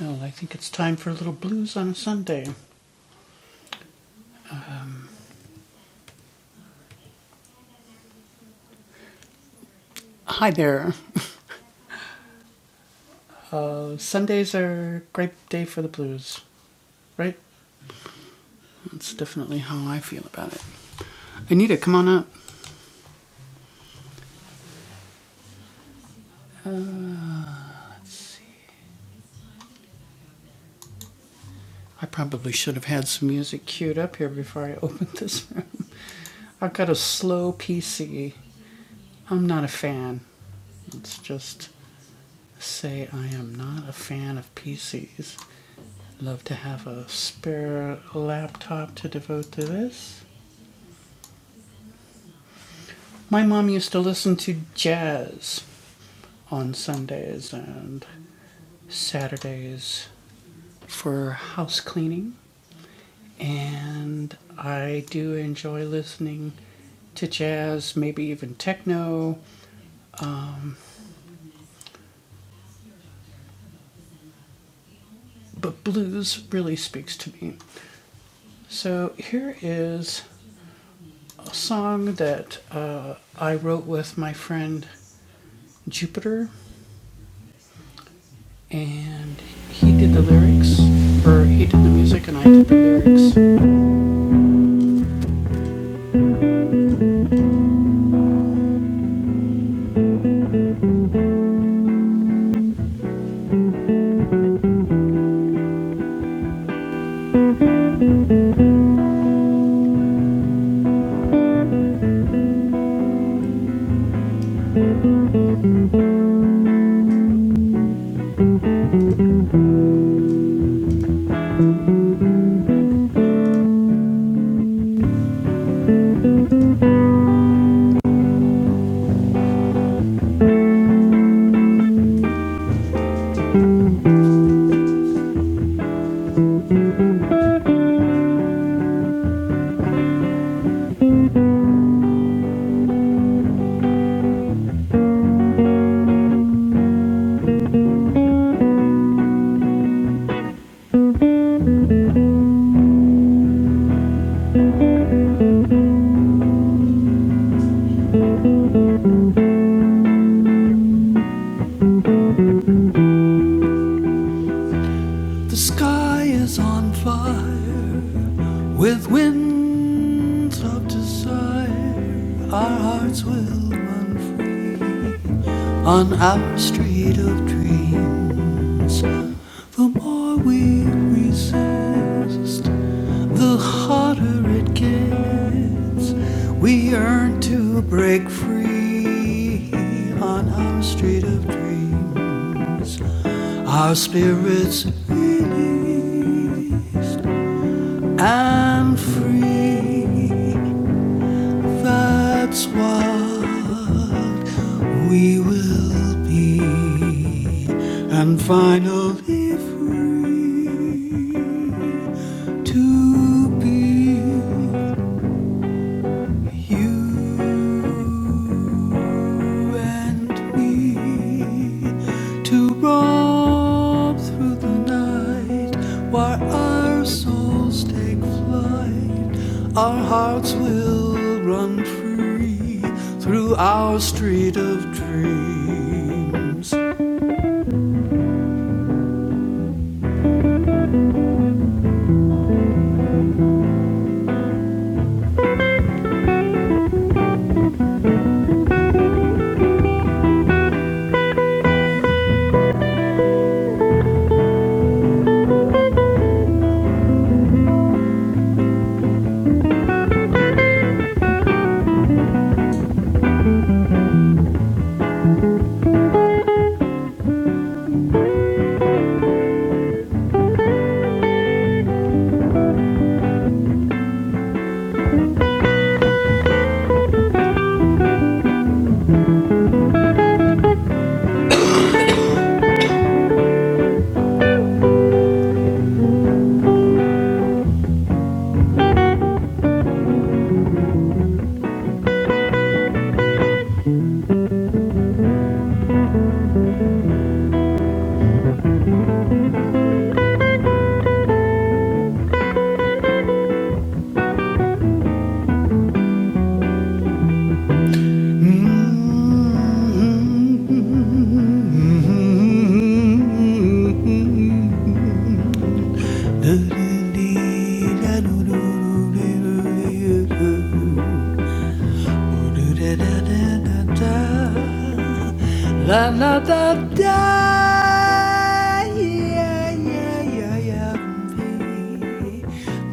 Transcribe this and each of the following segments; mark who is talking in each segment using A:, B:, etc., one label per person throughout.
A: Well, I think it's time for a little blues on a Sunday. Hi there. Uh, Sundays are a great day for the blues, right? That's definitely how I feel about it. Anita, come on up. Let's see. I probably should have had some music queued up here before I opened this room. I've got a slow PC. I'm not a fan. Let's just say I am not a fan of PCs. Love to have a spare laptop to devote to this. My mom used to listen to jazz on Sundays and Saturdays for house cleaning. And I do enjoy listening to jazz, maybe even techno, but blues really speaks to me. So here is a song that uh, I wrote with my friend Jupiter, and he did the lyrics, or he did the music, and I did the lyrics. The sky is on fire with winds of desire. Our hearts will run free on our street of dreams. The more we resist, the hotter it gets, we yearn to break free on our street of dreams. Our spirits released and free. That's what we will be. And finally free to be you and me to roam through the night while our souls take flight. Our hearts will run free through our street of dreams. Mm-hmm. Mm-hmm. La la da da, yeah yeah yeah yeah.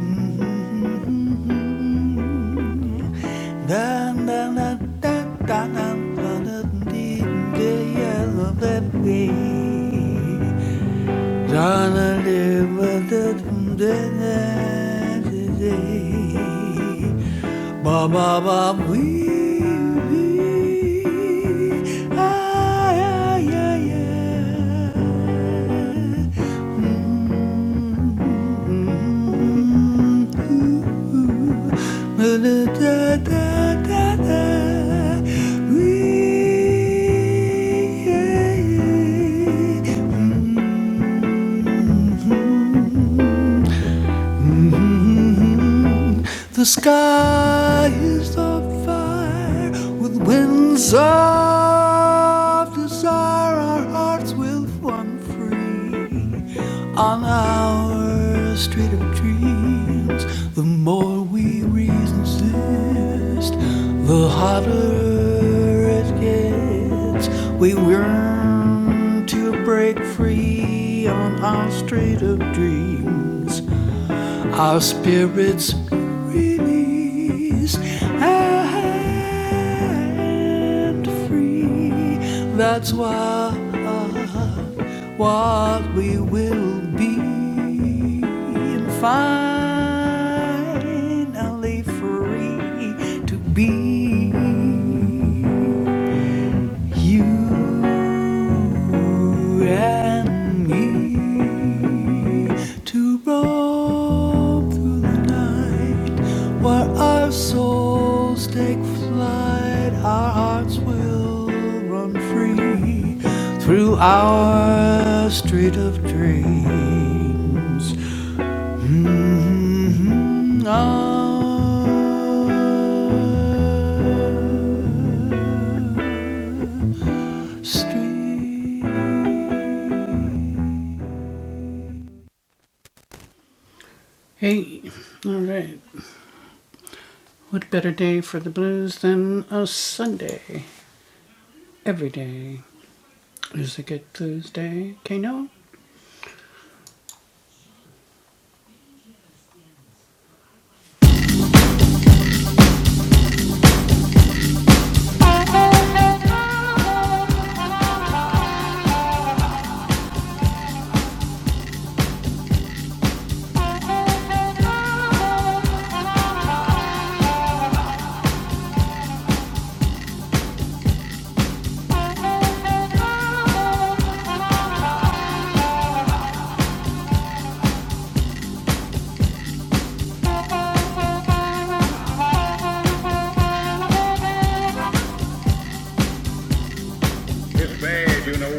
A: Mm. Da da da da da da da da da da, yeah, love that way. Donna live with it from day to day. Ba ba ba wee wee. Ay ay ay ay. Mm, ooh, Da da da da da. Wee yeah, yeah. Mm. Mmm. Mm-hmm. The sky is on fire with winds of desire. Our hearts will run free on our street of dreams. The more we resist, the hotter it gets. We yearn to break free on our street of dreams our spirits release and free. That's what what we will be. And finally free to be. You and me to roam through the night where our souls take flight, our hearts will run free through our street of dreams. Mhm, Our street. Hey, all right. What better day for the blues than a Sunday? Every day is a good blues day. Kano? It's bad, you know.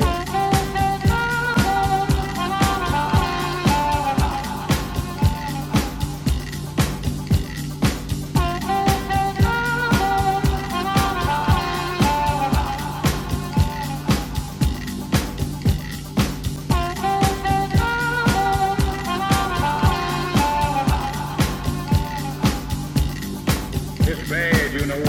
A: It's bad, you know.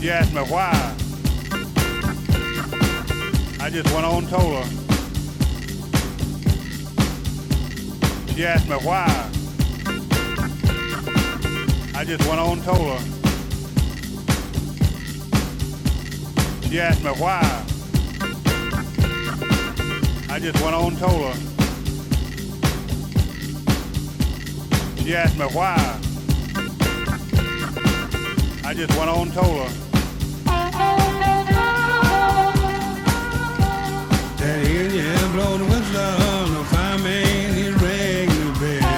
A: She asked me why. I just went on told her. She asked me why. I just went on told her. She asked me why. I just went on told her. She asked me why. I just went on told her. That Indian blowed the whistle, the fireman he rang the bell.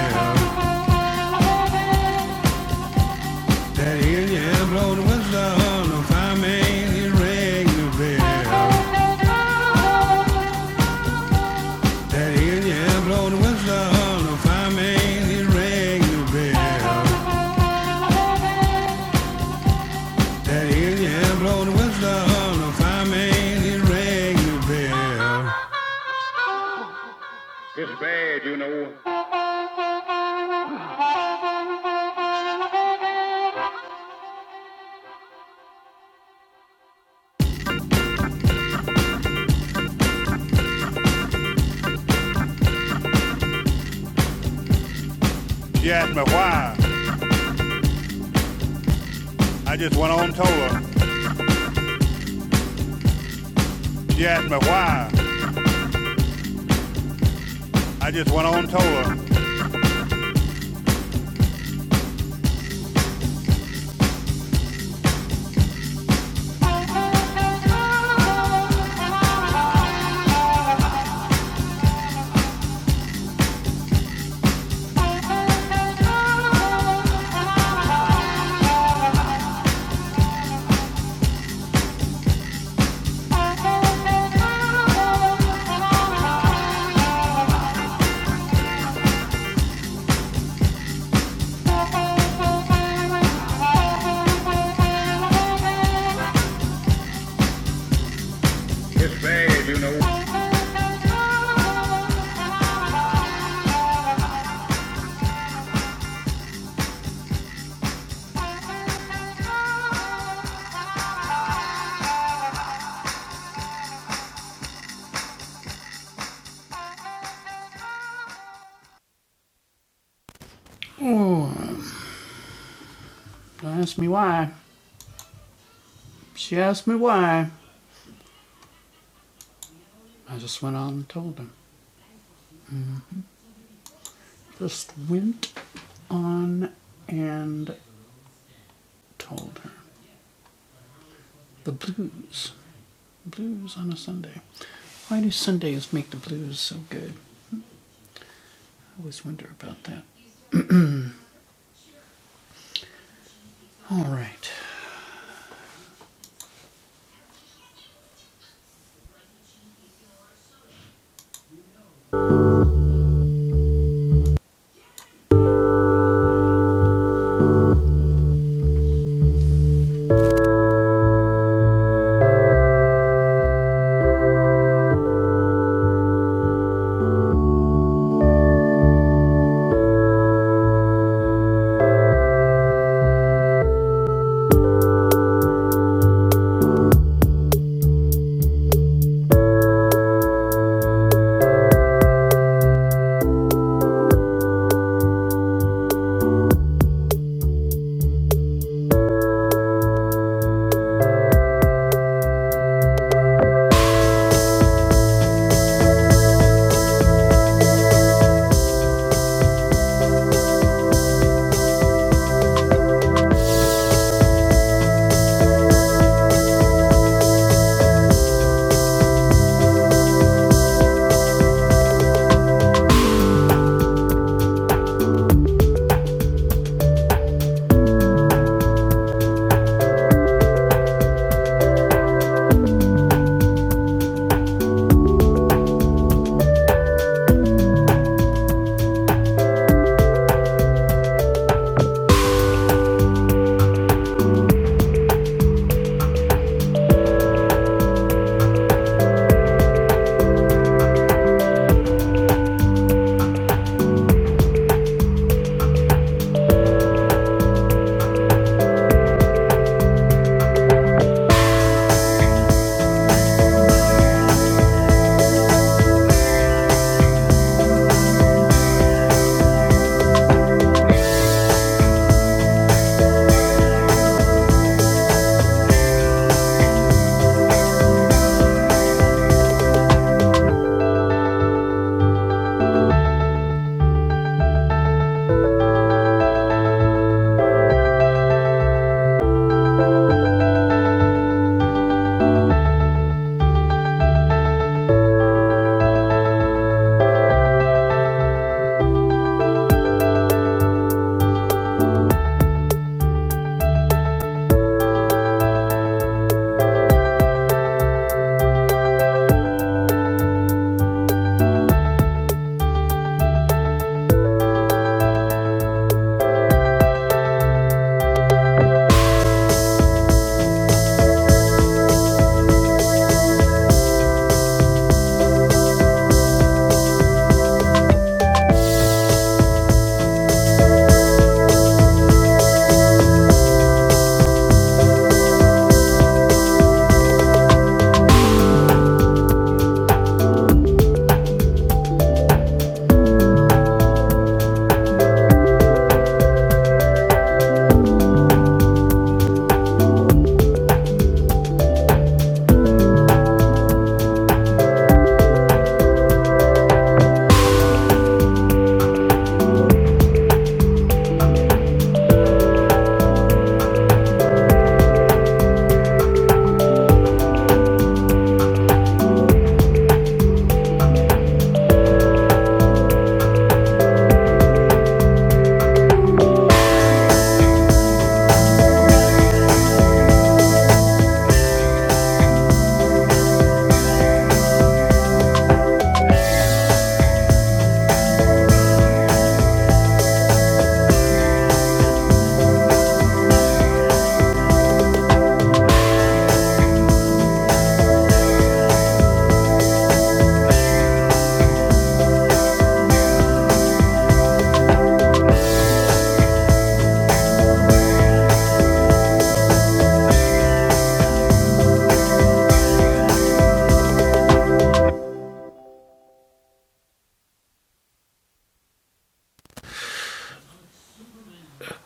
A: That Indian blowed the whistle, the fireman he rang the bell. That Indian blowed the whistle, the fireman he rang the bell. That Indian blowed the whistle, the fireman he rang the bell. It's bad, you know. You ask me why. I just went on told her. She asked me why. I just went on tour. her. Oh, don't ask me why. She asked me why. I just went on and told her. Just went on and told her. The blues. Blues on a Sunday. Why do Sundays make the blues so good? I always wonder about that. All right.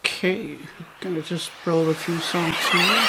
A: Okay. I'm Gonna just roll a few songs here.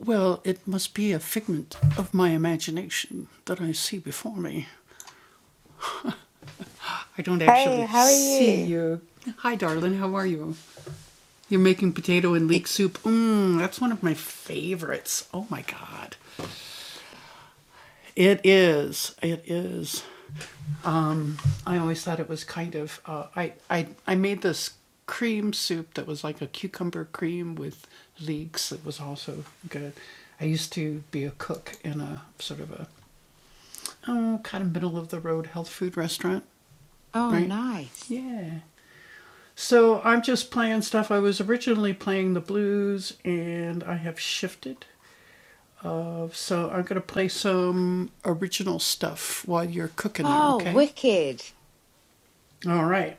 A: Well, it must be a figment of my imagination that I see before me. I don't
B: Hey,
A: actually
B: how are
A: see
B: you?
A: you. Hi, darling. How are you? You're making potato and leek soup. Mmm, that's one of my favorites. Oh my god. It is. It is. Um, I always thought it was kind of. Uh, I, I I made this cream soup that was like a cucumber cream with leeks. It was also good. I used to be a cook in a sort of a oh kind of middle of the road health food restaurant,
B: Oh,
A: right?
B: nice.
A: Yeah. So I'm just playing stuff. I was originally playing the blues and I have shifted. Uh, so I'm going to play some original stuff while you're cooking there,
B: Oh,
A: okay?
B: wicked.
A: All right.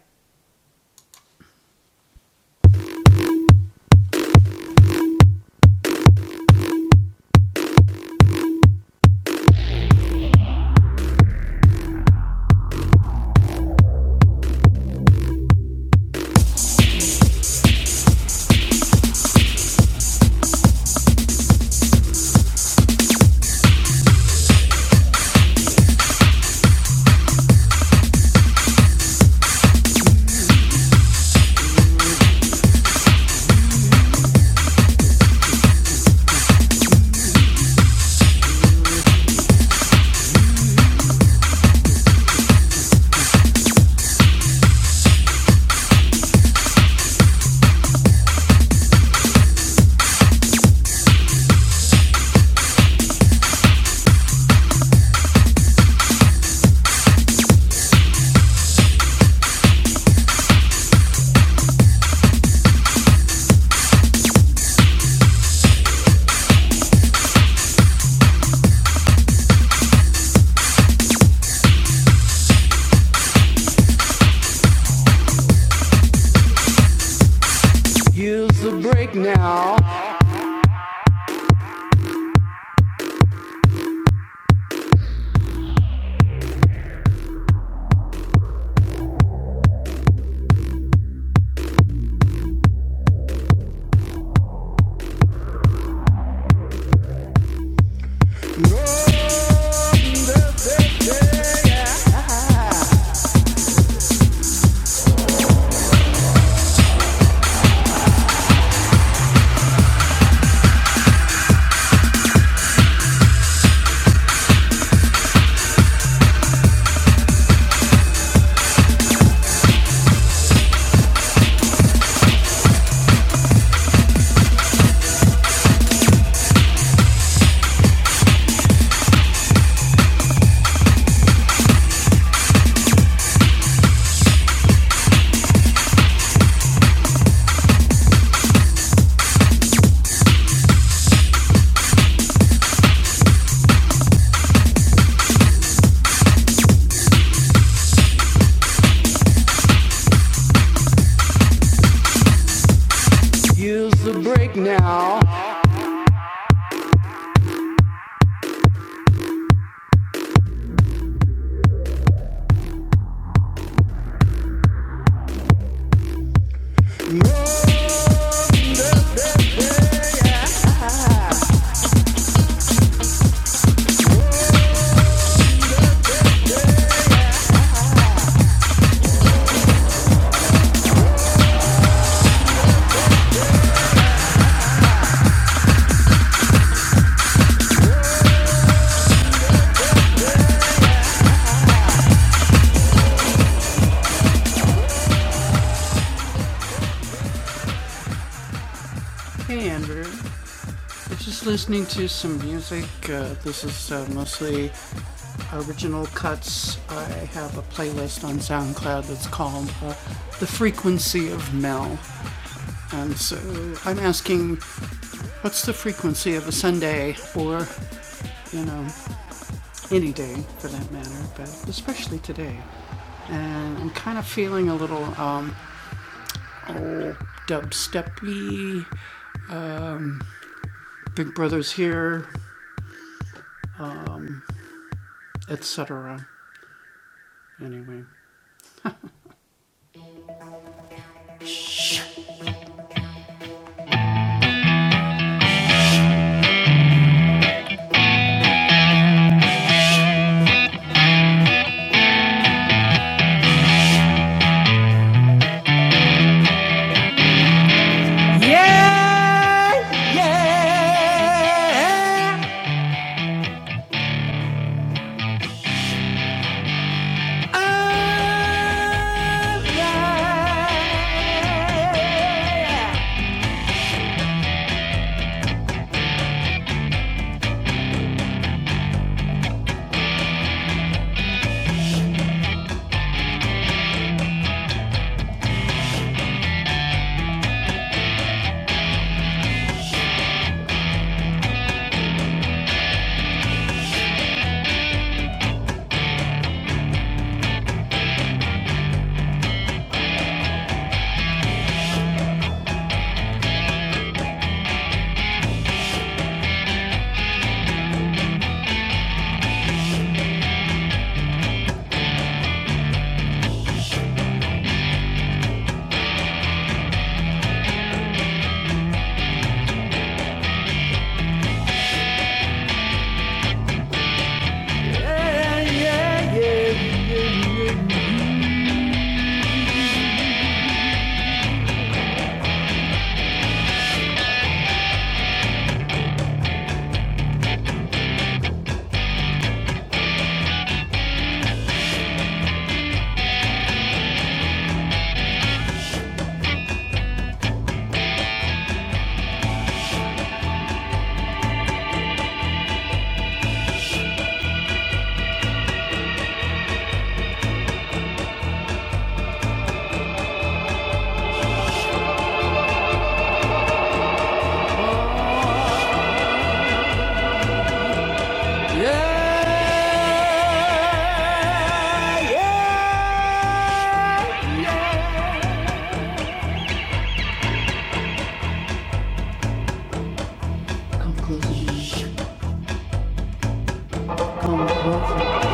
A: Use the break now. Use the break now. Hey, Andrew. We're just listening to some music. Uh, this is uh, mostly original cuts. I have a playlist on SoundCloud that's called uh, The Frequency of Mel. And so I'm asking What's the frequency of a Sunday or, you know, any day for that matter, but especially today? And I'm kind of feeling a little um, old dubstepy, Big Brother's here, etc. Anyway. Come closer. Come closer.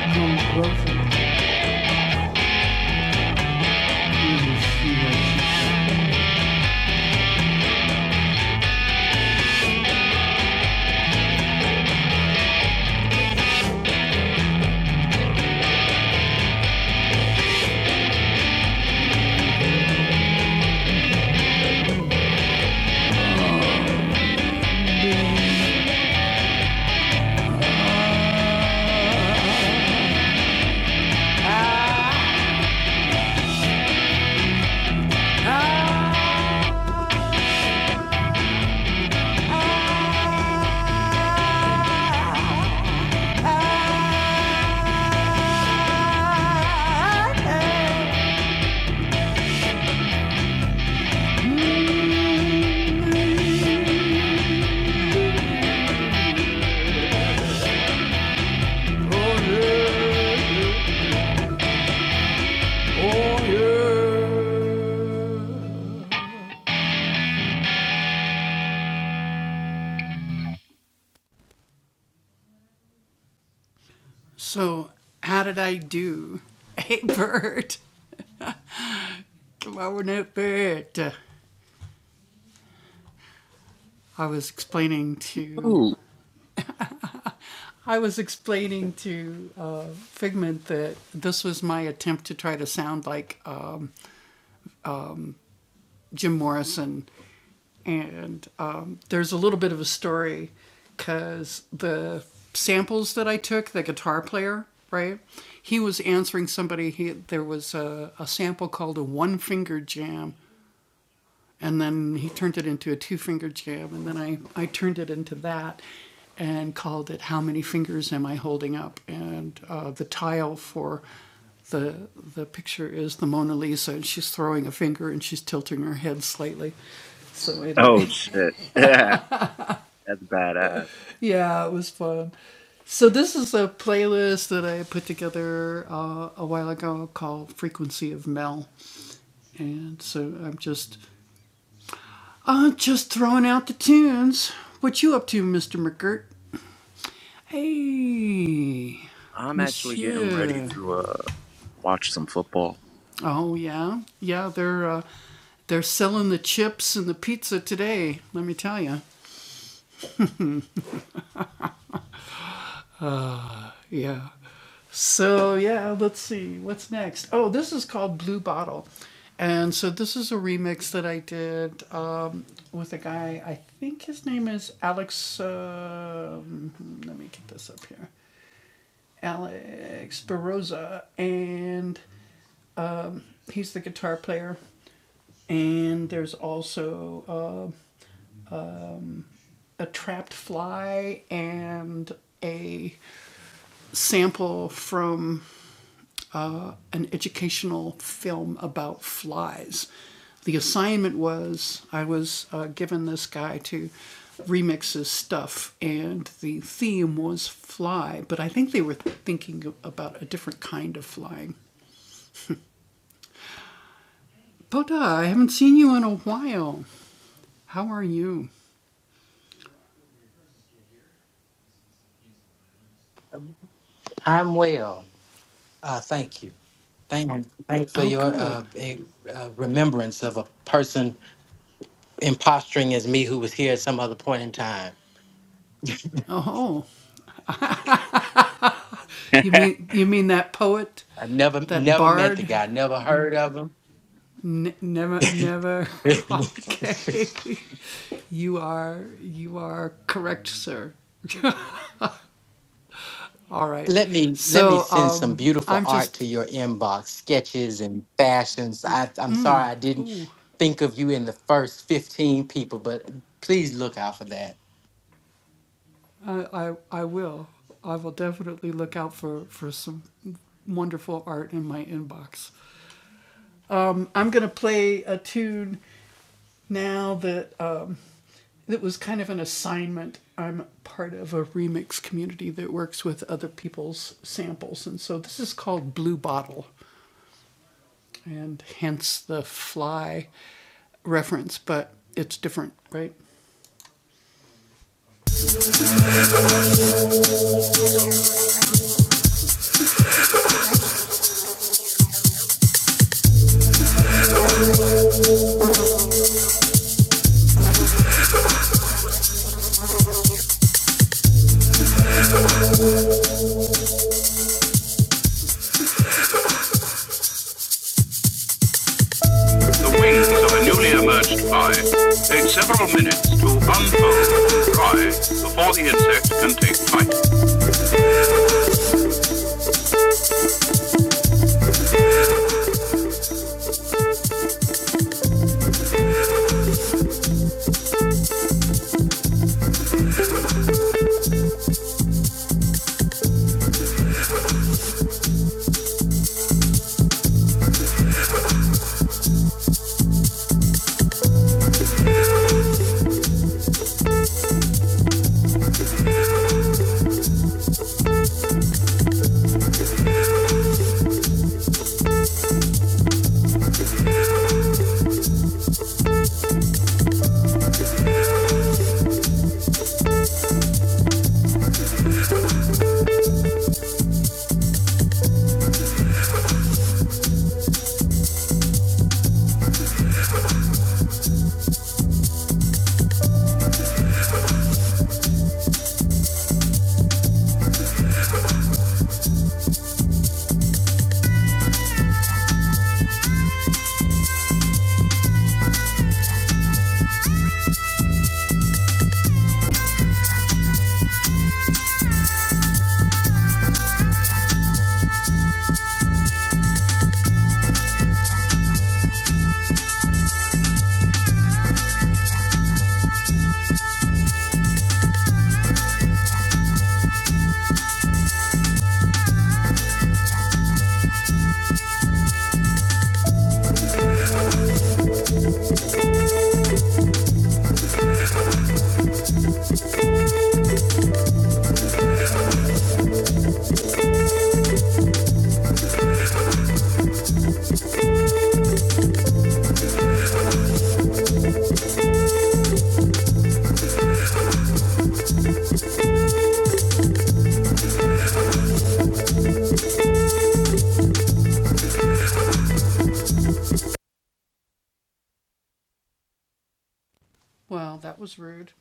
A: Come closer. Jesus, So, how did I do? Hey, Bert. Why wouldn't it fit? I was explaining to
C: Ooh.
A: I was explaining to uh, Figment that this was my attempt to try to sound like um, Jim Morrison, and um, there's a little bit of a story because the samples that I took, the guitar player, right? He was answering somebody. He there was a, a sample called a one finger jam, And then he turned it into a two finger jam. And then I, I turned it into that and called it How Many Fingers Am I Holding Up? And uh, the tile for the, the picture is the Mona Lisa, and she's throwing a finger and she's tilting her head slightly. So,
C: Oh
A: anyway,
C: shit. Yeah, that's badass.
A: yeah, it was fun. So, this is a playlist that I put together uh, a while ago called Frequency of Mel. And so I'm just I'm just throwing out the tunes. What you up to, Mr. McGirt? Hey,
C: I'm actually getting ready
A: Monsieur.
C: to uh watch some football.
A: Oh yeah, yeah. They're uh, they're selling the chips and the pizza today. Let me tell you. Yeah. So yeah, let's see what's next. Oh, this is called Blue Bottle, and so this is a remix that I did um, with a guy. I think his name is Alex. um let me get this up here. Alex Baroza, and he's the guitar player. And there's also uh, a trapped fly and a sample from an educational film about flies. The assignment was I was uh, given this guy to remix his stuff, and the theme was fly, but I think they were thinking about a different kind of flying. Boda, I haven't seen you in a while. How are you?
D: I'm well. Uh, thank you. Thank, thank for
A: Oh,
D: your
A: good.
D: uh, a, uh, remembrance of a person imposturing as me who was here at some other point in time.
A: Oh, you mean you mean that poet,
D: I never,
A: that
D: never met the
A: bard?
D: guy. Never heard of him.
A: N- never, never. okay, you are you are correct, sir. All right.
D: let me let me
A: So
D: send some
A: um,
D: beautiful
A: I'm
D: art to
A: just.
D: your inbox, sketches and fashions. I, I'm sorry I didn't
A: Ooh,
D: think of you in the first 15 people, but please look out for that.
A: I, I I will. I will definitely look out for for some wonderful art in my inbox. I'm gonna play a tune now that uh, It was kind of an assignment. I'm part of a remix community that works with other people's samples. And so this is called Blue Bottle, and hence the fly reference, but it's different, right? The wings of a newly emerged fly take several minutes to unfold and dry before the insect can take flight. Well, that was rude.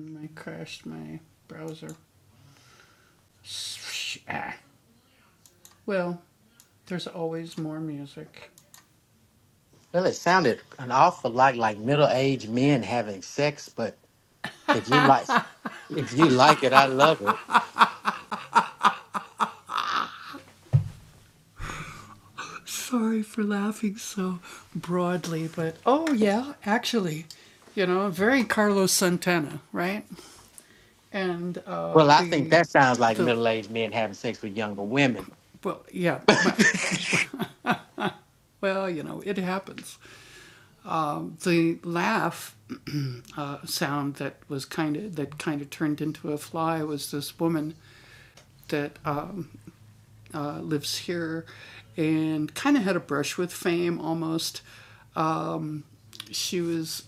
A: I crashed my browser. Ah. Well, there's always more music.
D: Well, it sounded an awful lot like middle-aged men having sex, but If you like, if you like it, I love it.
A: Sorry for laughing so broadly, but oh yeah, actually, you know, very Carlos Santana, right? And uh,
D: Well, I think
A: the
D: that sounds like
A: the
D: middle-aged men having sex with younger women.
A: well, yeah, well, well, you know, it happens. Um, the laugh uh, sound that was kind of that kind of turned into a fly was this woman that um, uh, lives here and kind of had a brush with fame almost. Um, she was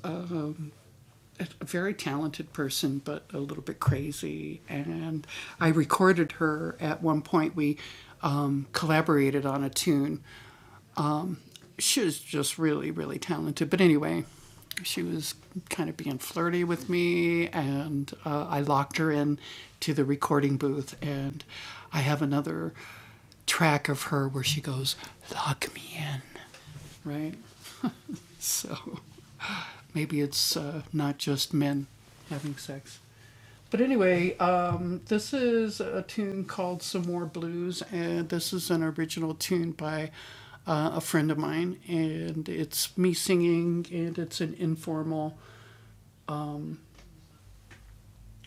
A: a very talented person, but a little bit crazy. And I recorded her at one point. We um, collaborated on a tune. She was just really, really talented. But anyway, she was kind of being flirty with me, and uh, I locked her in to the recording booth. And I have another track of her where she goes, "Lock me in," right? So maybe it's uh, not just men having sex. But anyway, um, this is a tune called Some More Blues, and this is an original tune by uh, a friend of mine, and it's me singing, and it's an informal.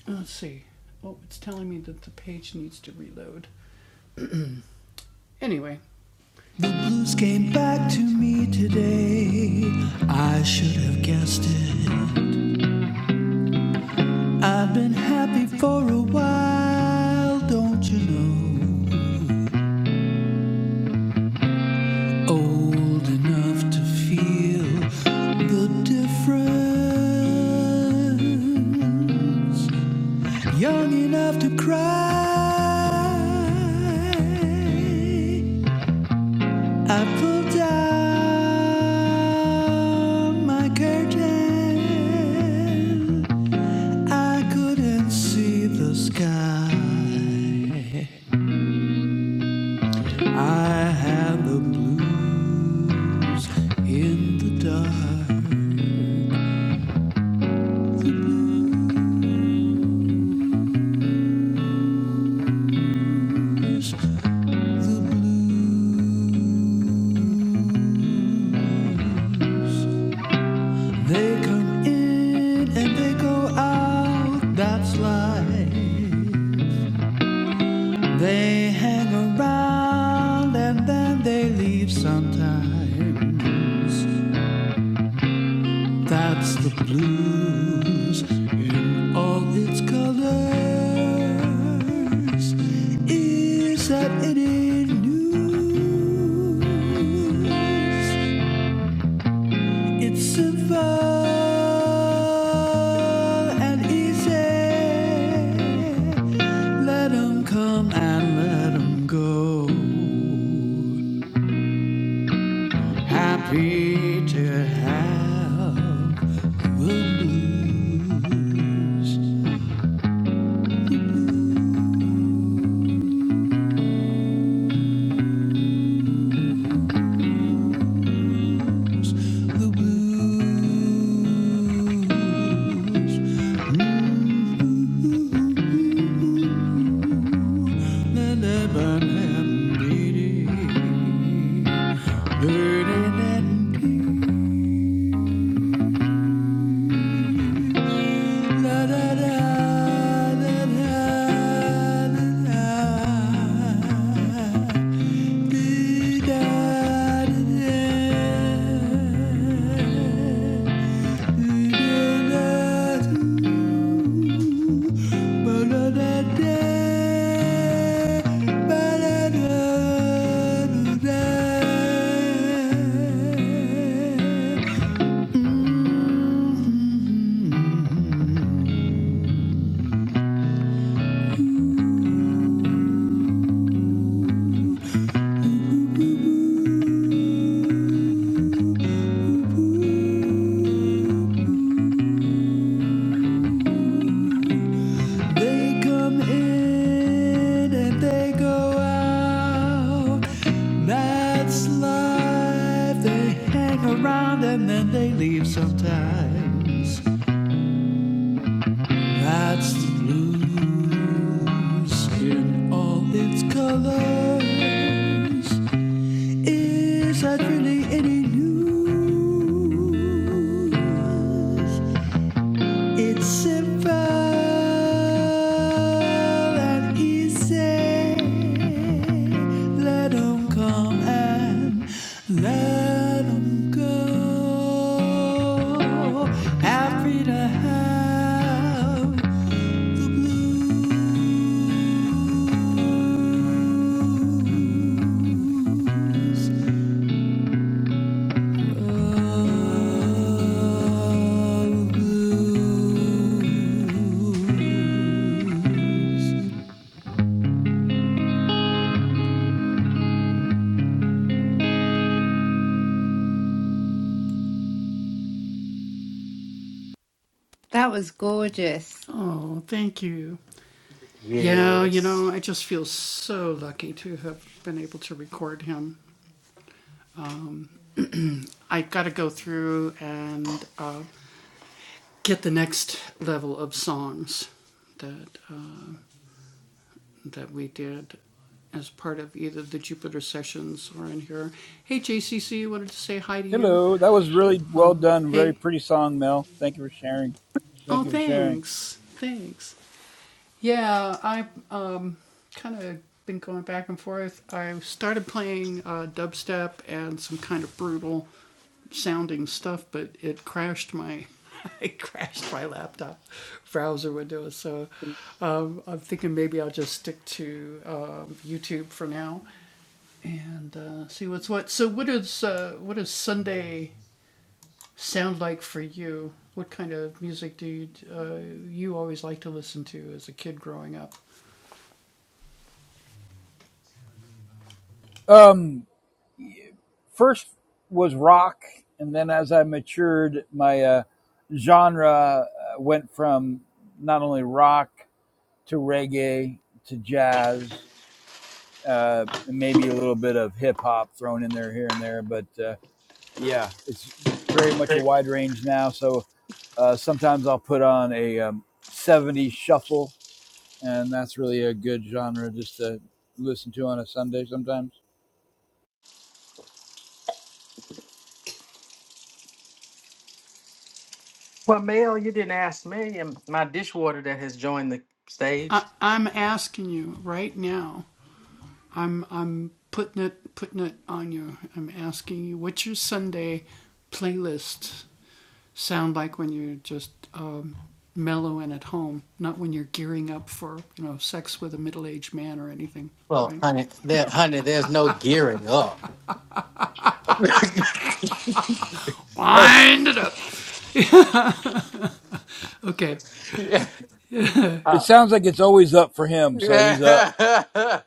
A: uh, Let's see. Oh, it's telling me that the page needs to reload. Anyway. The blues came back to me today. I should have guessed it. I've been happy for a while, don't you know? old enough to feel the difference, young enough to cry. I pulled down my curtain, I couldn't see the sky. I had the blue in the dark. They come in and they go out, that's life. They hang around and then they leave sometimes. That's the blue. They come in. Simple and easy. Let 'em come and let 'em go. Happy to have the
B: That was gorgeous.
A: Oh, thank you. Yeah, you know,
D: Yes.
A: I just feel so lucky to have been able to record him. I got to go through and uh, get the next level of songs that that we did as part of either the Jupiter sessions or in here. Hey, JCC, wanted to say hi to you.
E: Hello, that was really well done. Very
A: Hey,
E: pretty song, Mel. Thank you for sharing.
A: oh,
E: Thank you for sharing.
A: thanks, thanks. Yeah, I um, kind of been going back and forth. I started playing uh, dubstep and some kind of brutal sounding stuff, but it crashed my it crashed my laptop browser window. So um, I'm thinking maybe I'll just stick to um, YouTube for now. and uh, see what's what. So, what is uh, what does Sunday sound like for you? What kind of music do you, uh, you always like to listen to as a kid growing up?
E: Um, first was rock, and then as I matured, my uh, genre uh, went from not only rock to reggae to jazz, uh, and maybe a little bit of hip hop thrown in there here and there. But uh, yeah, it's very much a wide range now. So uh, sometimes I'll put on a um, 70s shuffle and that's really a good genre just to listen to on a Sunday sometimes.
D: Well, Mel, you didn't ask me and my dishwater that has joined the
A: I,
D: stage.
A: I'm asking you right now. I'm I'm putting it putting it on you. I'm asking you what's your Sunday playlist sound like when you're just um, mellow and at home, not when you're gearing up for you know sex with a middle-aged man or anything,
D: Well,
A: right?
D: honey, there, honey, there's no gearing up. Hey,
A: Wind it up. Okay.
D: yeah.
E: It
D: Uh,
E: sounds like it's always up for him, so he's up.
D: yeah. um,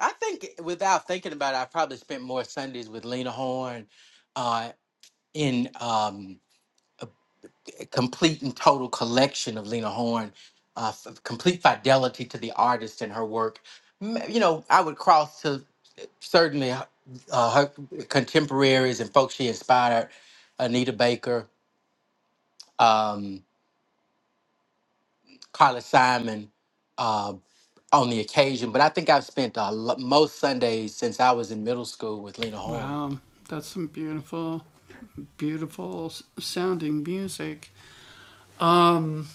D: I think without thinking about it, I probably spent more Sundays with Lena Horne, uh, in um complete and total collection of Lena Horne, uh, f- complete fidelity to the artist and her work. M- You know, I would cross to certainly h- uh, her contemporaries and folks she inspired Anita Baker, um, Carla Simon uh, on the occasion, but I think I've spent a lo- most Sundays since I was in middle school with Lena Horne.
A: Wow, that's some beautiful, beautiful sounding music. Um,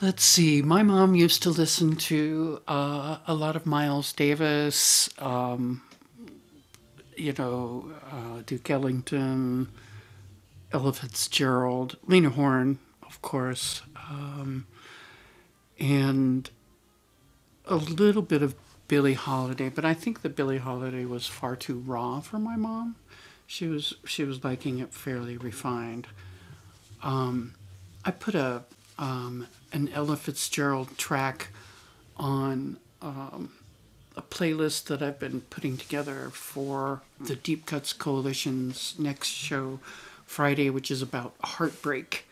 A: let's see. My mom used to listen to uh, a lot of Miles Davis. Um, you know, uh, Duke Ellington, Ella Fitzgerald, Lena Horne, of course, um, and a little bit of Billie Holiday. But I think the Billie Holiday was far too raw for my mom. She was she was liking it fairly refined. I I've I put a a a an Ella Ella Fitzgerald track on a playlist that that that that been putting together for the the Deep Cuts Coalition's next show, Friday, which is is, is about heartbreak.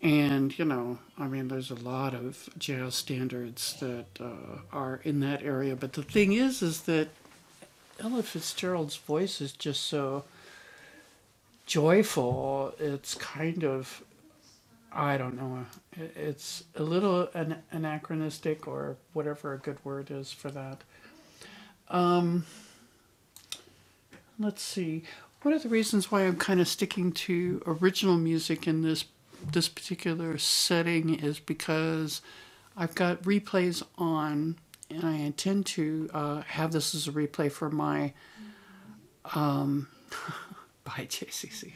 A: And you know, I mean, there's a lot of jazz standards that uh, are in that area. But the thing is, is that Ella Fitzgerald's voice is just so joyful. It's kind of I don't know. It's a little an- anachronistic or whatever a good word is for that. Let's see. What are the reasons why I'm kind of sticking to original music in this this particular setting is because I've got replays on and I intend to uh, have this as a replay for my by JCC.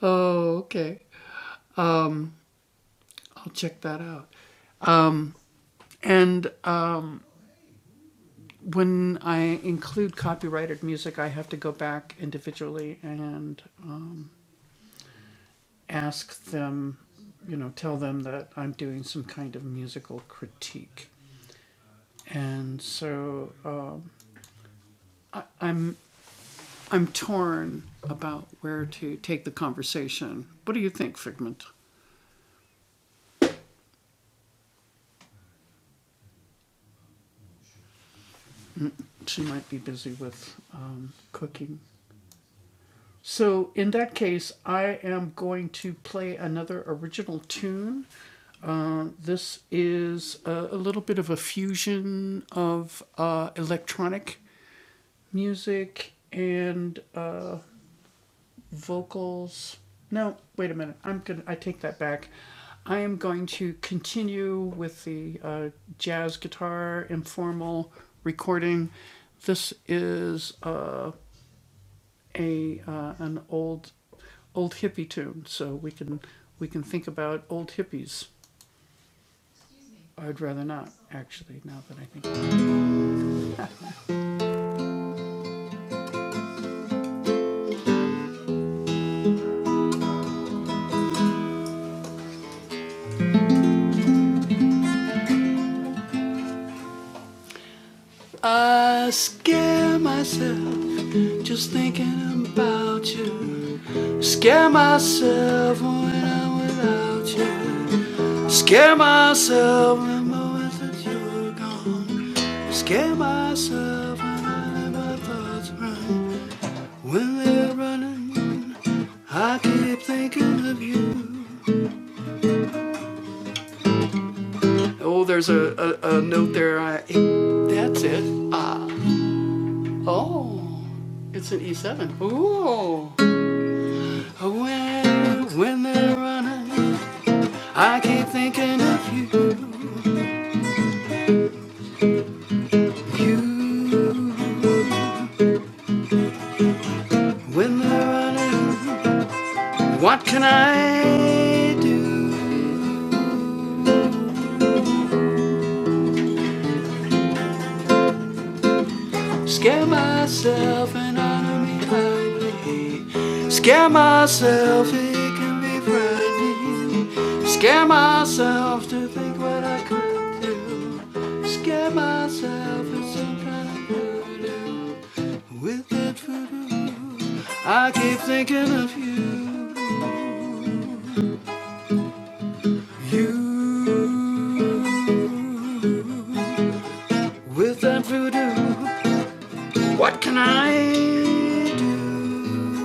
A: Oh, okay. I'll check that out. And uh when I include copyrighted music, I have to go back individually and um, ask them, you know, tell them that I'm doing some kind of musical critique. And so um, I'm I'm torn about where to take the conversation. What do you think, Figment? She might be busy with um, cooking. So, in that case, I am going to play another original tune. Uh, this is a, a little bit of a fusion of uh, electronic music and uh, vocals. No, wait a minute. I'm gonna. I take that back. I am going to continue with the uh, jazz guitar informal recording. This is uh, a uh, an old old hippie tune, so we can we can think about old hippies. I'd rather not, actually. Now that I think, I scare myself just thinking about you. Scare myself when I'm without you. Scare myself in the moments that you're gone. Scare myself when I let my thoughts run. When they're running, I keep thinking of you. Oh, there's a, a, a note there. I, that's it. Oh, it's an E7. Ooh. When, when they're running, I keep thinking of you. You. When they're running, what can I do? Scare myself and enemy hide me. Scare myself, it can be frightening. Scare myself to think what I could do. Scare myself with some kind of voodoo. With that voodoo, I keep thinking of you. You. With that voodoo, what can I do?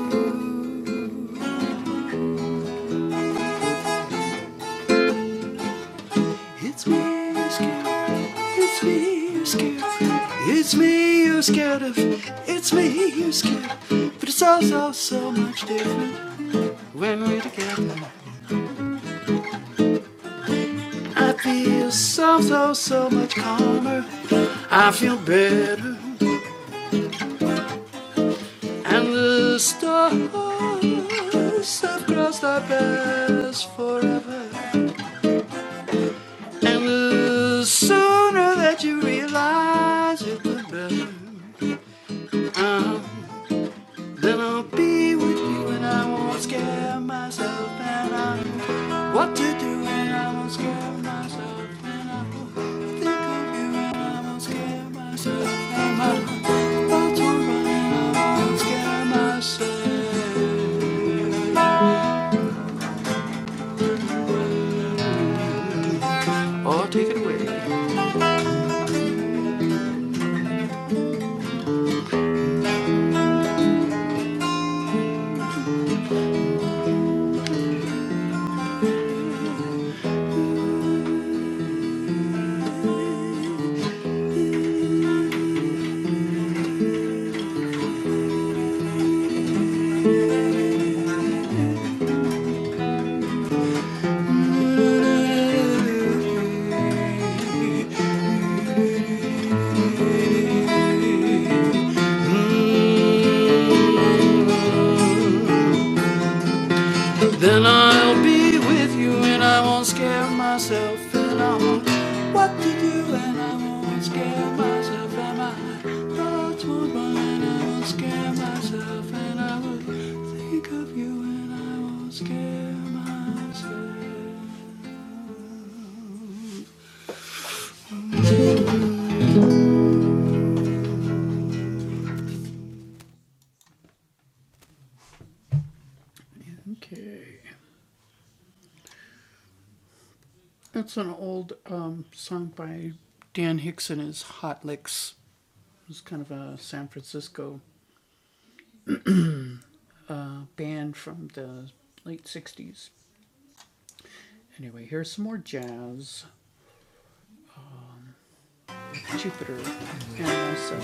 A: It's me you're scared of. It's me you're scared of. It's me you're scared of. It's me you're scared of. But it's all so, so much different when we're together. I feel so, so, so much calmer. I feel better. And the stars have crossed our paths forever. And the sooner that you realize it, the better. Uh-huh. Then I'll be with you and I won't scare myself and I know what to do and I won't scare myself and I will think of you and I won't scare myself and I know what to run and I won't scare myself. Oh, take it away. Then I'll be with you and I won't scare myself and I won't know what to do and I won't scare myself and my thoughts won't run and I won't scare myself and I will think of you and I won't scare myself. Okay. That's an old um, song by Dan Hicks and his Hot Licks. It was kind of a San Francisco band from the late 60s. Anyway, here's some more jazz. Jupiter and also.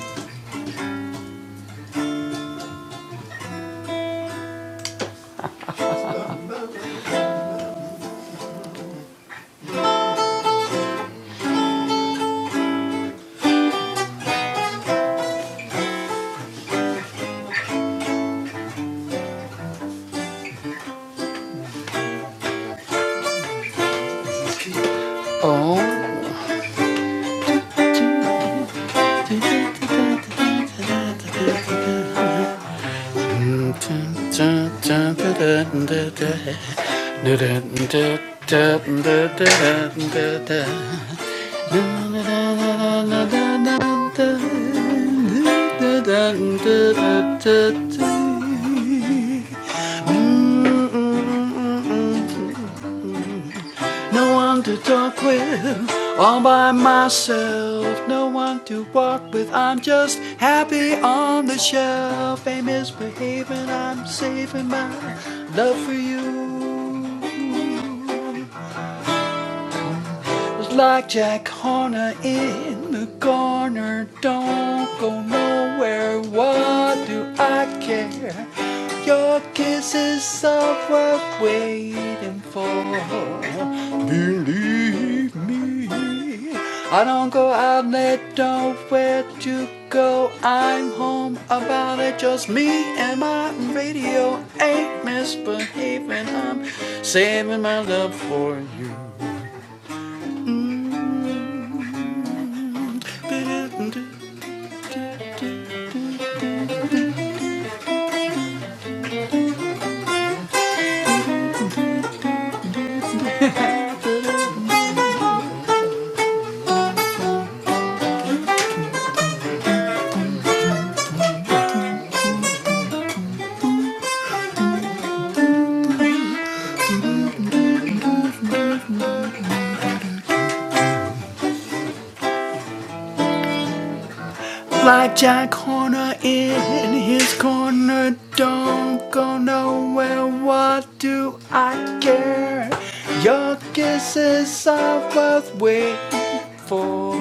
A: Oh. No one to talk with, all by myself. No one to walk with, I'm just happy on the shelf. Fame is behaving, I'm saving my love for you. It's Like Jack Horner in the corner, don't go nowhere. What do I care? Your kisses are worth waiting for. Believe me, I don't go out late, don't where to go. I'm home about it, just me and my radio. Ain't misbehaving, I'm saving my love for you. Mm. Ba-dum-dum. Like Jack Horner in his corner, don't go nowhere. What do I care? Your kisses are worth waiting for.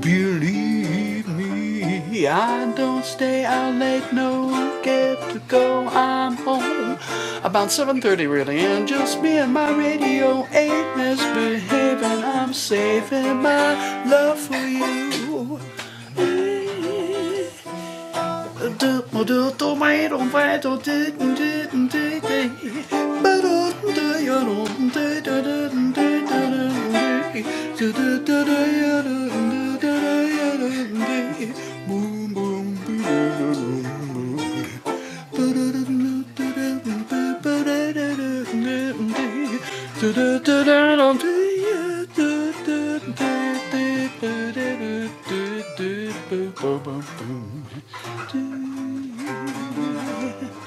A: Believe me, I don't stay out late. No get to go. I'm home about 7:30 really, and just me and my radio ain't misbehaving. I'm saving my love for you. Boom, boom. Um,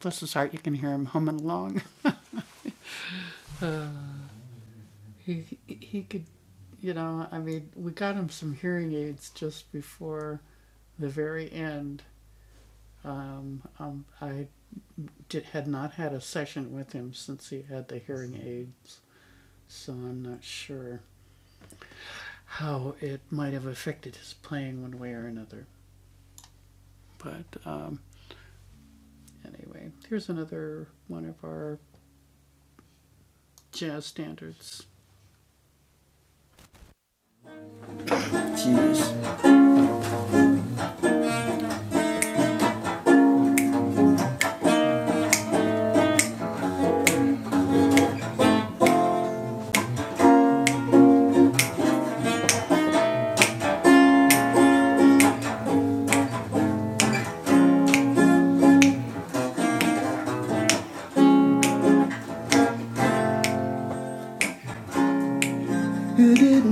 A: bless his heart, you can hear him humming along. he he could, you know, I mean, we got him some hearing aids just before the very end. Um, um, I did, had not had a session with him since he had the hearing aids, so I'm not sure how it might have affected his playing one way or another. But um, anyway, here's another one of our jazz standards. Thank you.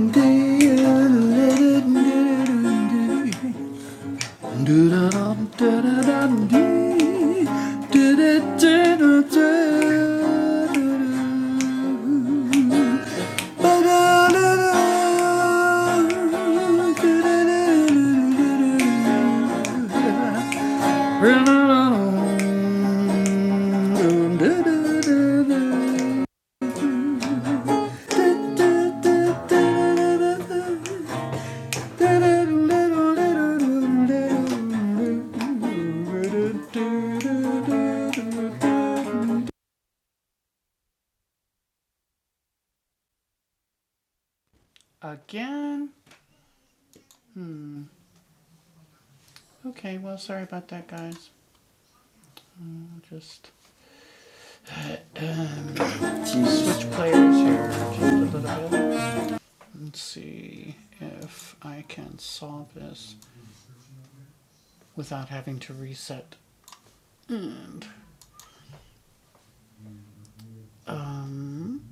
A: Again? Okay, well, sorry about that, guys. I'll just um, switch players here just a little bit. Let's see if I can solve this without having to reset. And um,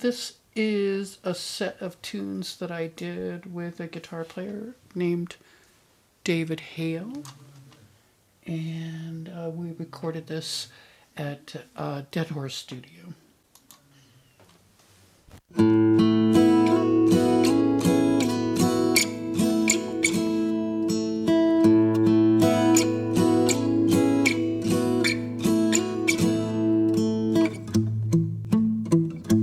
A: this is a set of tunes that I did with a guitar player named David Hale. and uh, we recorded this at uh, Dead Horse Studio.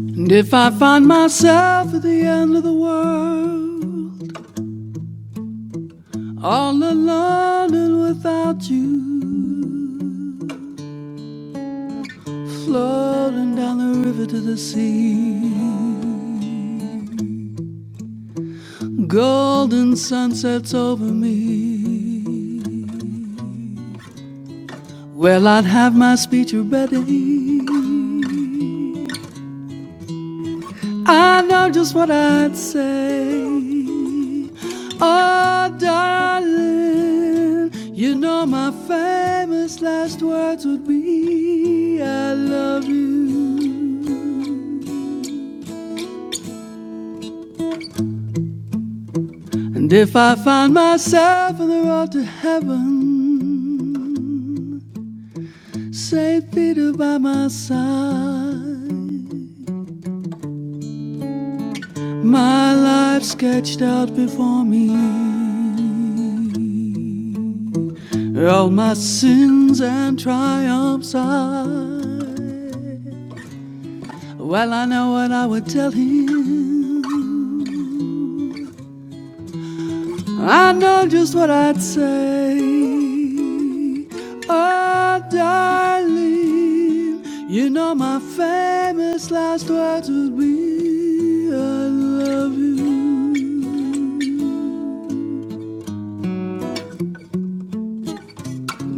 A: And if I find myself at the end of the world, all alone and without you, floating down the river to the sea, golden sunsets over me. Well, I'd have my speech ready. I know just what I'd say. Oh, darling, you know my famous last words would be I love you. And if I find myself on the road to heaven, St. Peter by my side, my life sketched out before me. All my sins and triumphs I Well, I know what I would tell him I know just what I'd say Oh, darling You know my famous last words would be I love you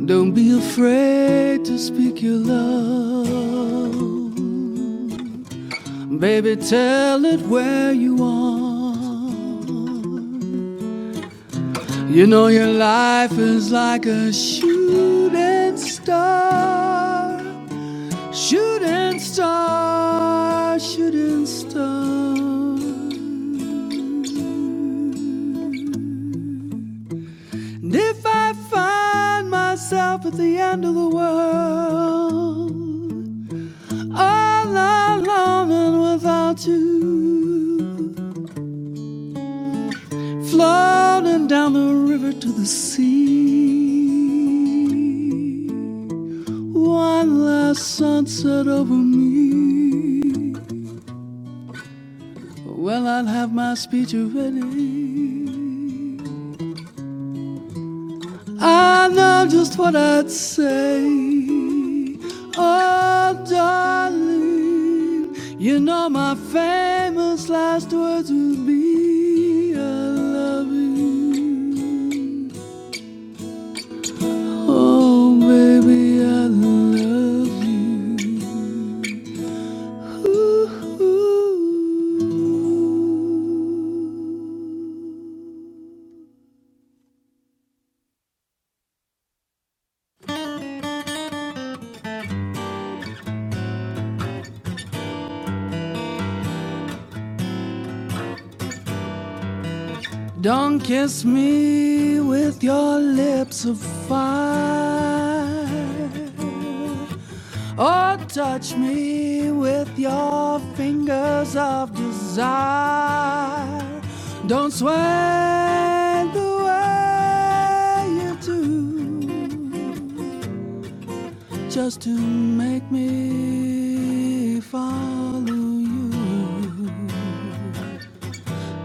A: Don't be afraid to speak your love Baby, tell it where you are. You know your life is like a shooting star, shooting star, shooting star. And if I find myself at the end of the world, all alone and without you. floating down the river to the sea. One last sunset over me. Well, I'll have my speech ready. Let's say, oh, darling, you know my famous last words would be, I love you. Oh, baby, I love you. Don't kiss me with your lips of fire. Or touch me with your fingers of desire. Don't swear the way you do just to make me follow you.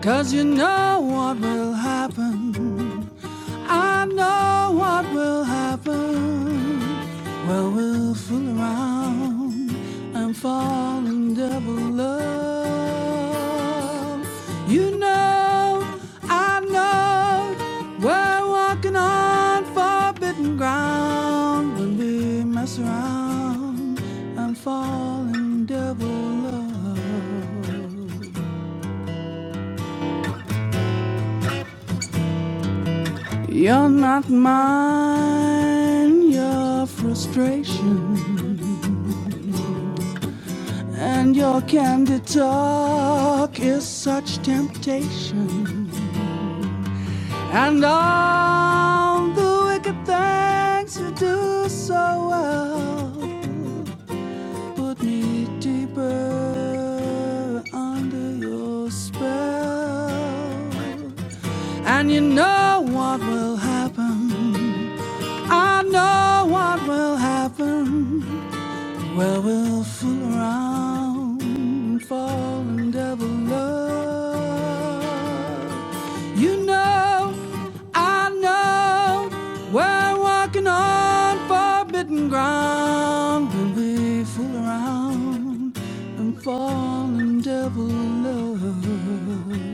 A: Cause you know what will happen. I know what will happen. Well, we'll fool around and fall in double love. You know, I know we're walking on forbidden ground when we mess around and fall in double love. You're not mine, your frustration and your candid talk is such temptation. And all the wicked things you do so well put me deeper under your spell. And you know what will happen. I know what will happen. Well, we'll fool around and fall in devil love. You know, I know, we're walking on forbidden ground when we fool around and fall in devil love.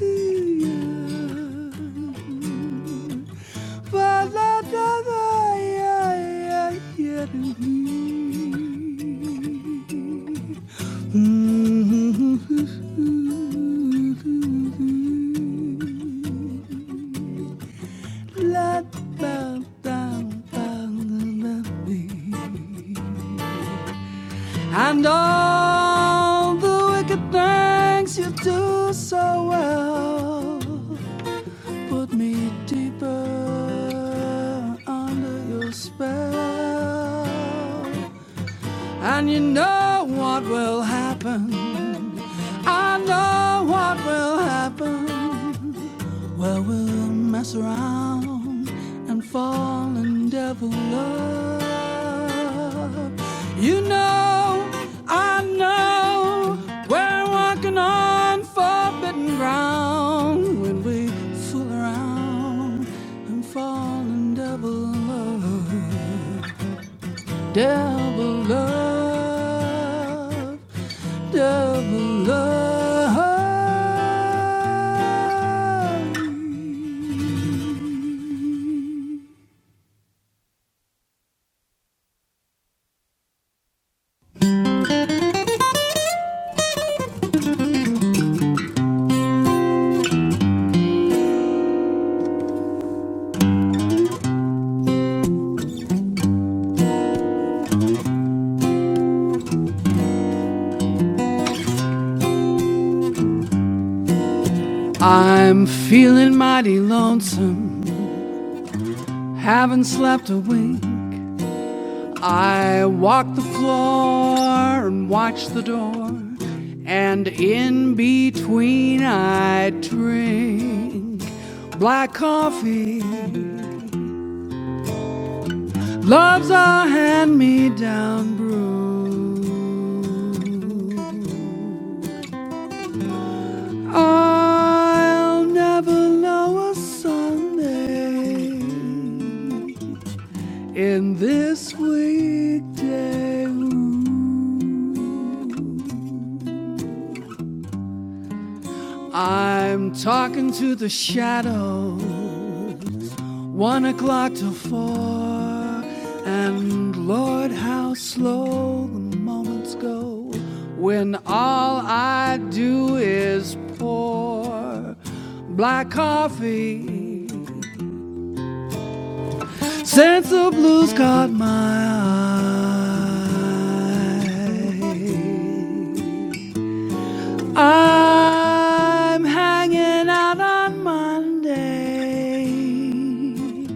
A: Yeah. But that doesn't, yeah, yeah, yeah. Mm-hmm. And all the wicked things you do so well put me deeper under your spell. And you know what will happen. I know what will happen. Well, we'll mess around and fall and devil up. You know, I know we're walking on forbidden ground when we fool around and fall and devil love, devil love, devil love. I'm feeling mighty lonesome. Haven't slept a wink. I walk the floor and watch the door, and in between I drink black coffee. Love's a hand me down brew. I'll never know a Sunday in this weekday room. I'm talking to the shadows, one o'clock to four, and Lord, how slow the moments go when all I do is pour black coffee. since the blues caught my eye. I'm hanging out on Monday.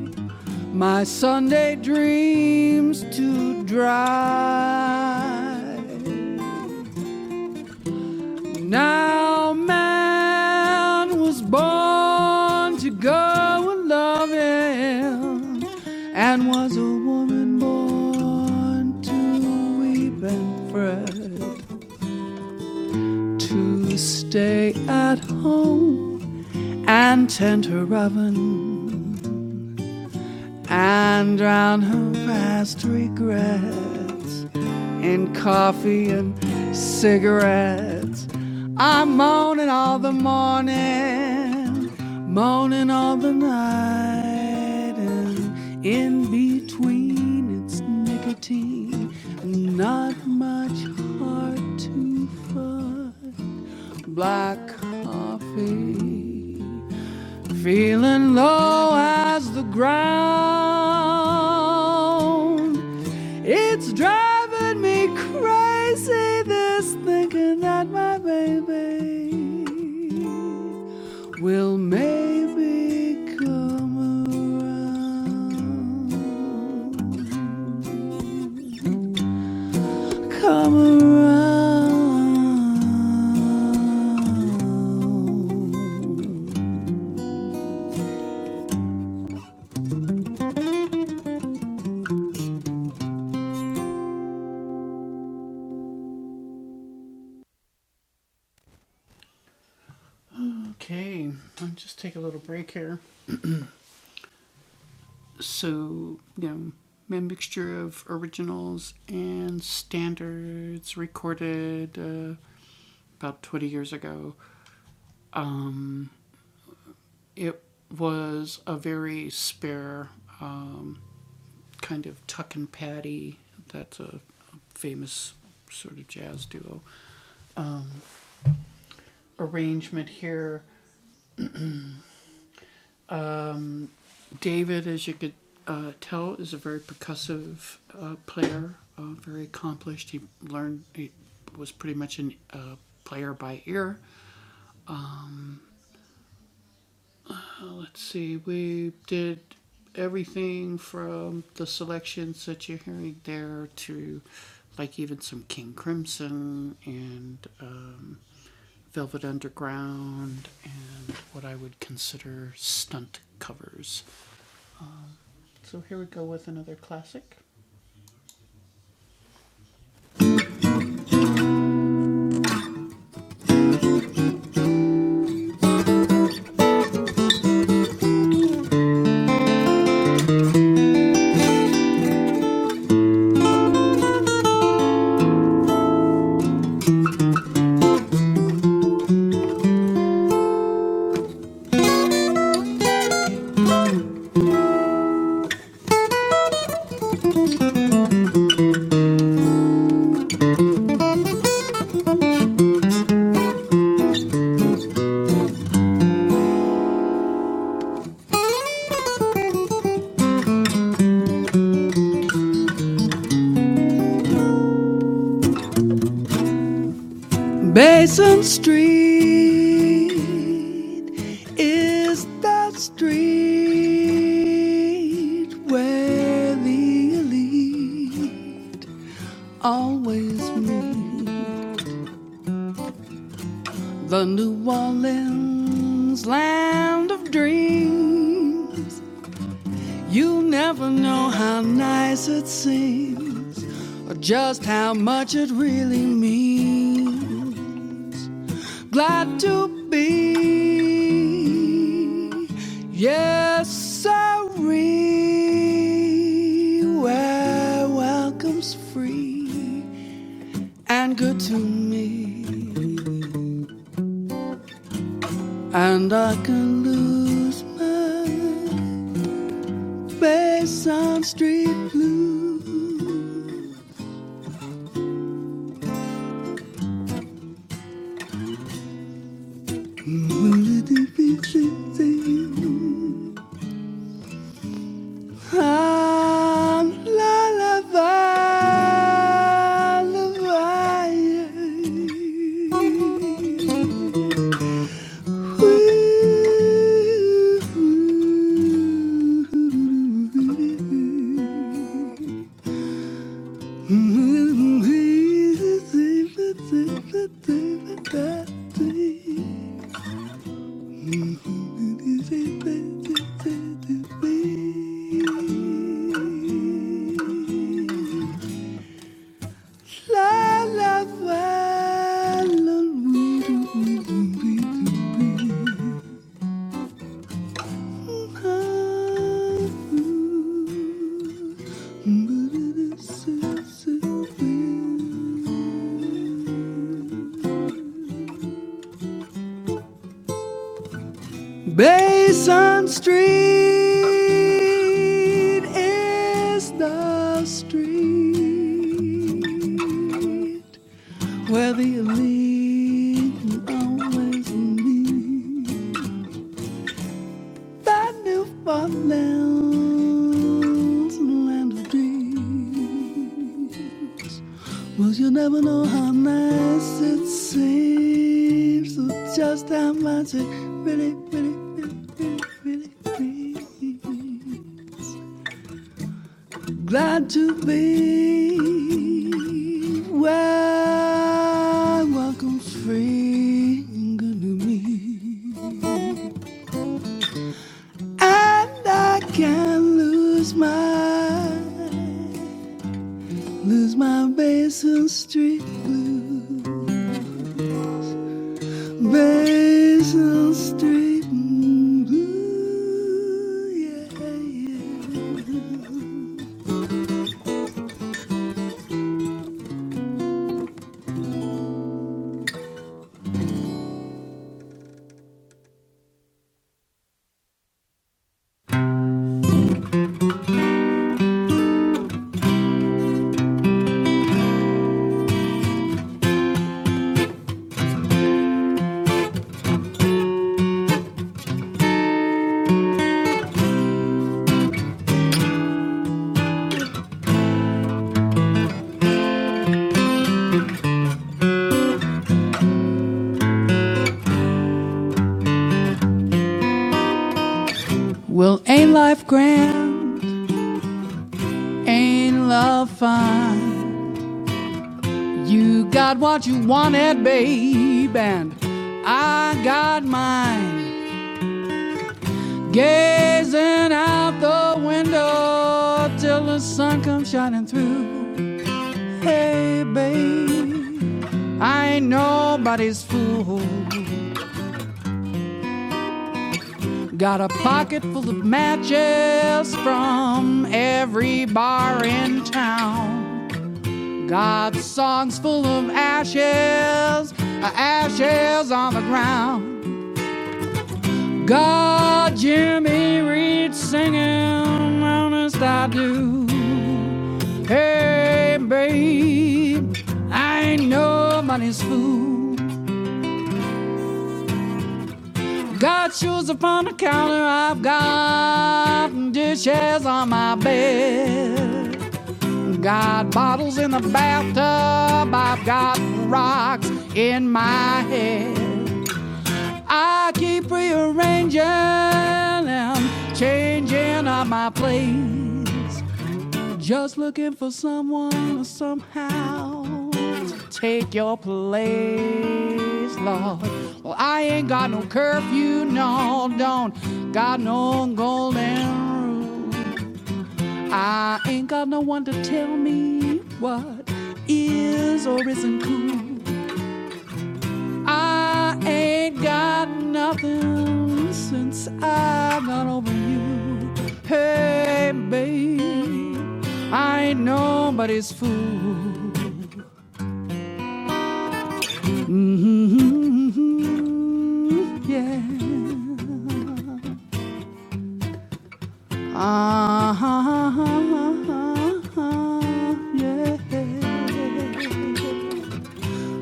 A: My Sunday dreams too dry. A man was born to go and love him, and was a woman born to weep and fret, to stay at home and tend her oven and drown her past regrets in coffee and cigarettes. I'm moaning all the morning, moaning all the night, and in between it's nicotine, not much hard to find. Black coffee. Feeling low as the ground. It's driving me crazy, this thinking that my baby will maybe come around. Come around. Okay, I'll just take a little break here. So, you know, a mixture of originals and standards recorded uh, about 20 years ago. Um, it was a very spare um, kind of Tuck and Patty. That's a, a famous sort of jazz duo. Arrangement here David, as you could uh, tell, is a very percussive uh, player, uh, very accomplished. He learned, he was pretty much a uh, player by ear. Uh, let's see, we did everything from the selections that you're hearing there to like even some King Crimson and um, Velvet Underground and what I would consider stunt covers. So here we go with another classic. Basin Street is that street where the elite always meet. The New Orleans land of dreams. You never know how nice it seems or just how much it really means. glad to be. Yes, sorry, where welcome's free and good to me, and I can lose my base on street blue. Basin Street is the street where the elite always meet. by Newfoundland's land of dreams. Well, you will never know how nice it seems, or just how much it really, really, really, really, really means. Glad to be where welcome's free and good to me, and I can not lose my. Lose my Basin Street blues. Basin Street blues. Yeah, yeah. Well, ain't life grand? Ain't love fine? You got what you wanted, babe, and I got mine. Gazing out the window till the sun comes shining through. Hey, babe. I ain't nobody's fool. Got a pocket full of matches from every bar in town. Got songs full of ashes, uh, ashes on the ground. Got Jimmy Reed singing, honest I do. Hey, babe, I ain't nobody's fool. Got shoes upon the counter, I've got dishes on my bed. Got bottles in the bathtub, I've got rocks in my head. I keep rearranging and changing up my place. Just looking for someone somehow to take your place, Lord. Well, I ain't got no curfew, no, don't got no golden rule. I ain't got no one to tell me what is or isn't cool. I ain't got nothing since I got over you. Hey, babe, I ain't nobody's fool. Mhm, yeah. Uh-huh, yeah.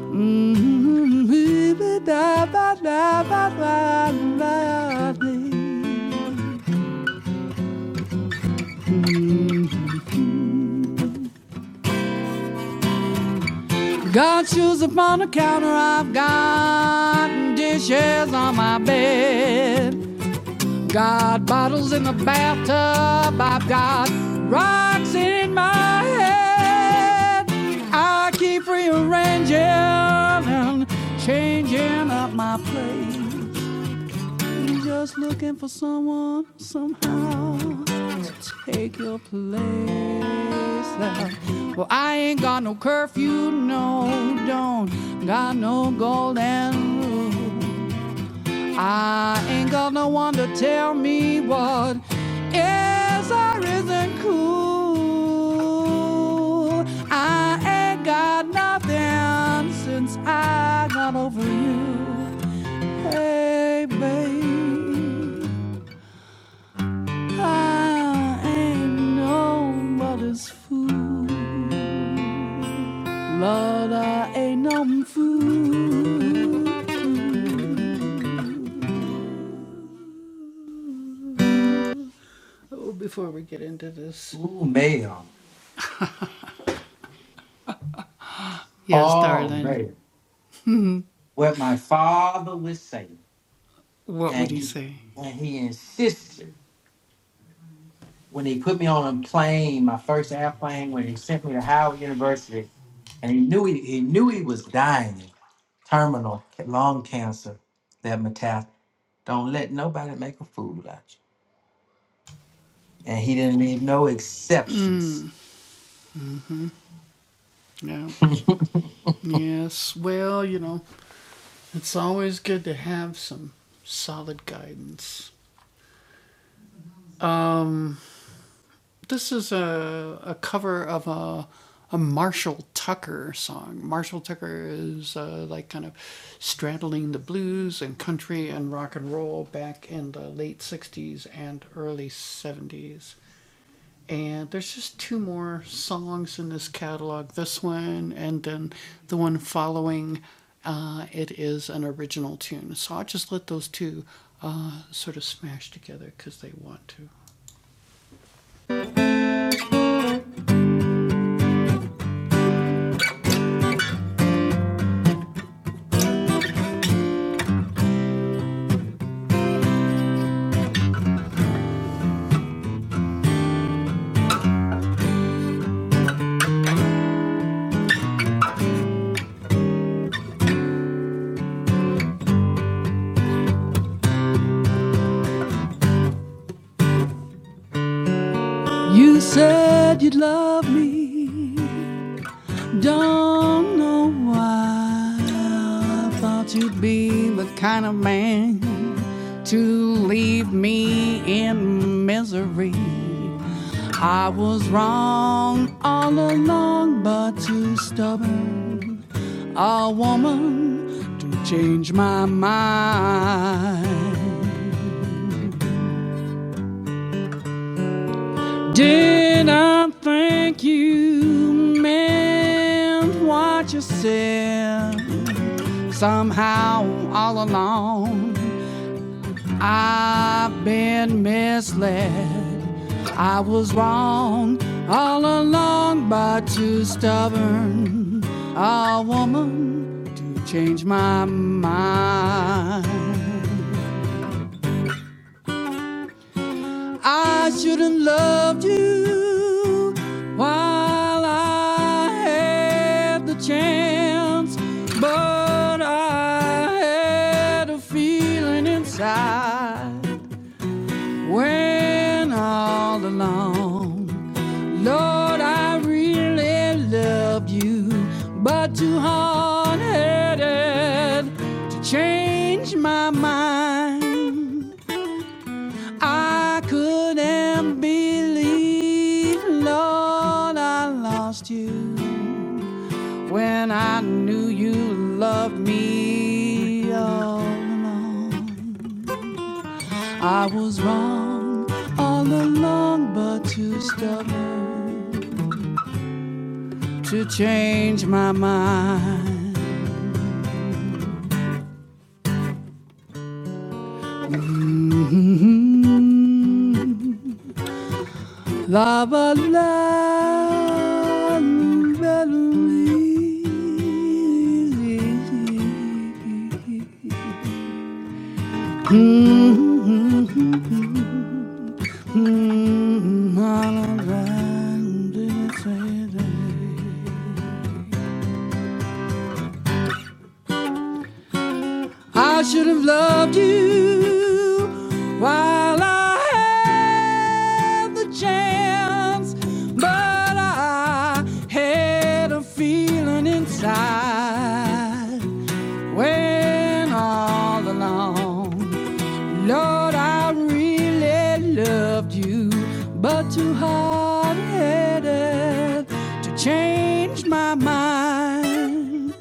A: Mhm, da-ba-da-ba-da-ba-da. Got shoes upon the counter, I've got dishes on my bed. Got bottles in the bathtub, I've got rocks in my head. I keep rearranging and changing up my plate. I'm just looking for someone somehow to take your place. Now. Well, I ain't got no curfew, no, don't got no golden rule. I ain't got no one to tell me what is or isn't cool. I ain't got nothing since I got over you. Hey, babe. I ain't nobody's fool. Lord, I ain't no fool. Oh, before we get into this,
D: Ooh, ma'am.
A: yes,
D: Oh,
A: darling,
D: man. What my father would say,
A: what would
D: and
A: he
D: he
A: say?
D: and he insisted. when he put me on a plane, my first airplane, when he sent me to Howard University, and he knew he, he knew he was dying, terminal ca- lung cancer, that metastasized. Don't let nobody make a fool out of you. And he didn't leave no exceptions.
A: Yeah. Yes, well, you know, it's always good to have some solid guidance. Um. This is a, a cover of a, a Marshall Tucker song. Marshall Tucker is uh, like kind of straddling the blues and country and rock and roll back in the late 60s and early 70s. And there's just two more songs in this catalog this one and then the one following. Uh, it is an original tune. So I'll just let those two uh, sort of smash together because they want to. You said you'd love me, don't know why. I thought you'd be the kind of man to leave me in misery. I was wrong all along, but too stubborn. A woman to change my mind. Did I thank you, man? What you said. Somehow, all along, I've been misled. I was wrong all along, but too stubborn a woman to change my mind. I shouldn't loved you while I had the chance, but I had a feeling inside when all along, Lord, I really loved you, but too hard-headed to change my mind. I couldn't believe, Lord, I lost you when I knew you loved me all along. I was wrong all along, but too stubborn to change my mind. Mm, love a love. I should have loved you while I had the chance, but I had a feeling inside when all alone. Lord, I really loved you, but too hard headed to change my mind.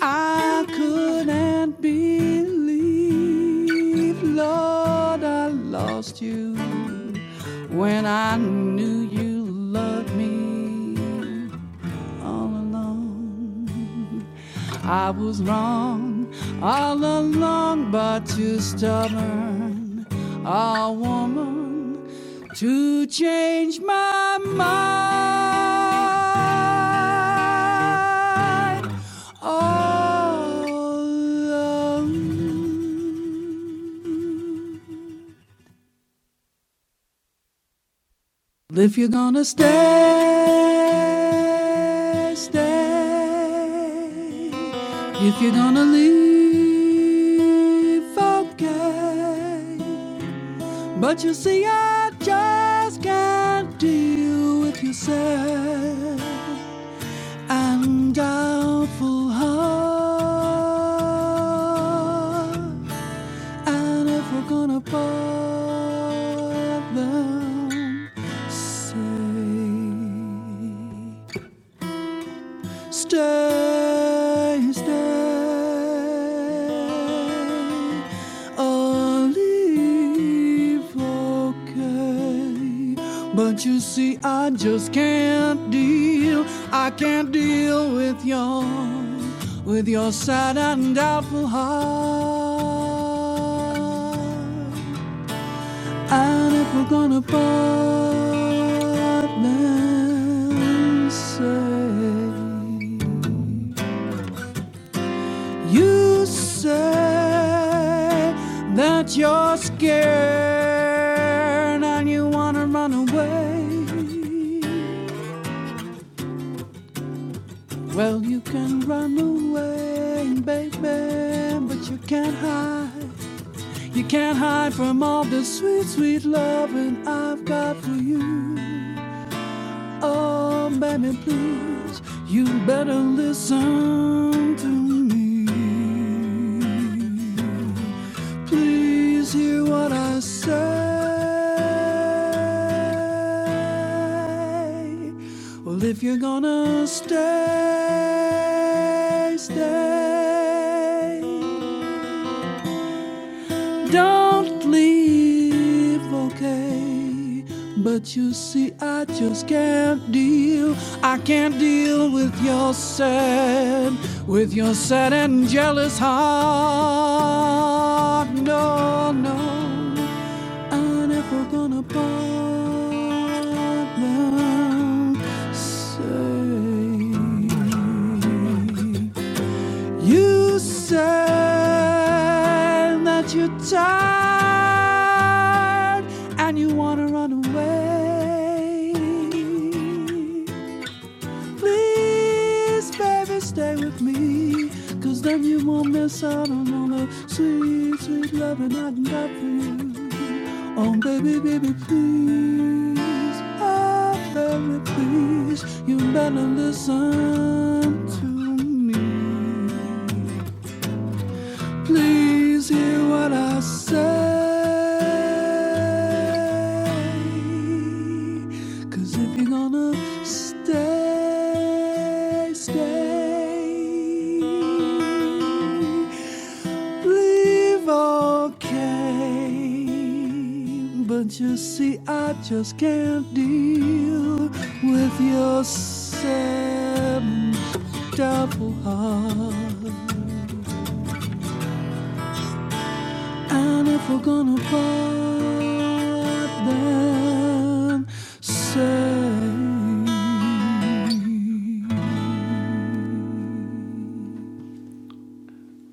A: I couldn't believe, Lord, I lost you when I knew you loved me all along. I was wrong all along, but too stubborn a woman to change my mind. All alone. If you're gonna stay, stay. If you're gonna leave, okay. But you see, I just can't deal with your sad and doubtful heart. And if we're gonna bug them, say, stay, stay, or leave, okay. But you see, I just can't deal, I can't deal with your, with your sad and doubtful heart. And if we're gonna partner, say you say that you're scared and you wanna run away. Well, you can run away, baby, but you can't hide. You can't hide from all the sweet, sweet loving I've got for you. Oh, baby, please, you better listen to me. Please hear what I say. Well, if you're gonna stay, stay. Don't leave, okay? But you see, I just can't deal. I can't deal with your sad, with your sad and jealous heart. No, no, I never gonna part them. Say. You said that you're tired and you want to run away. Please, baby, stay with me, 'cause then you won't miss out on all the sweet, sweet loving I can got for you. Oh, baby, baby, please, oh, baby, please, you better listen to me. Please hear what I say, 'cause if you're gonna stay, stay, leave okay. But you see, I just can't deal with your sad, doubtful heart. And if we're gonna fight, then say.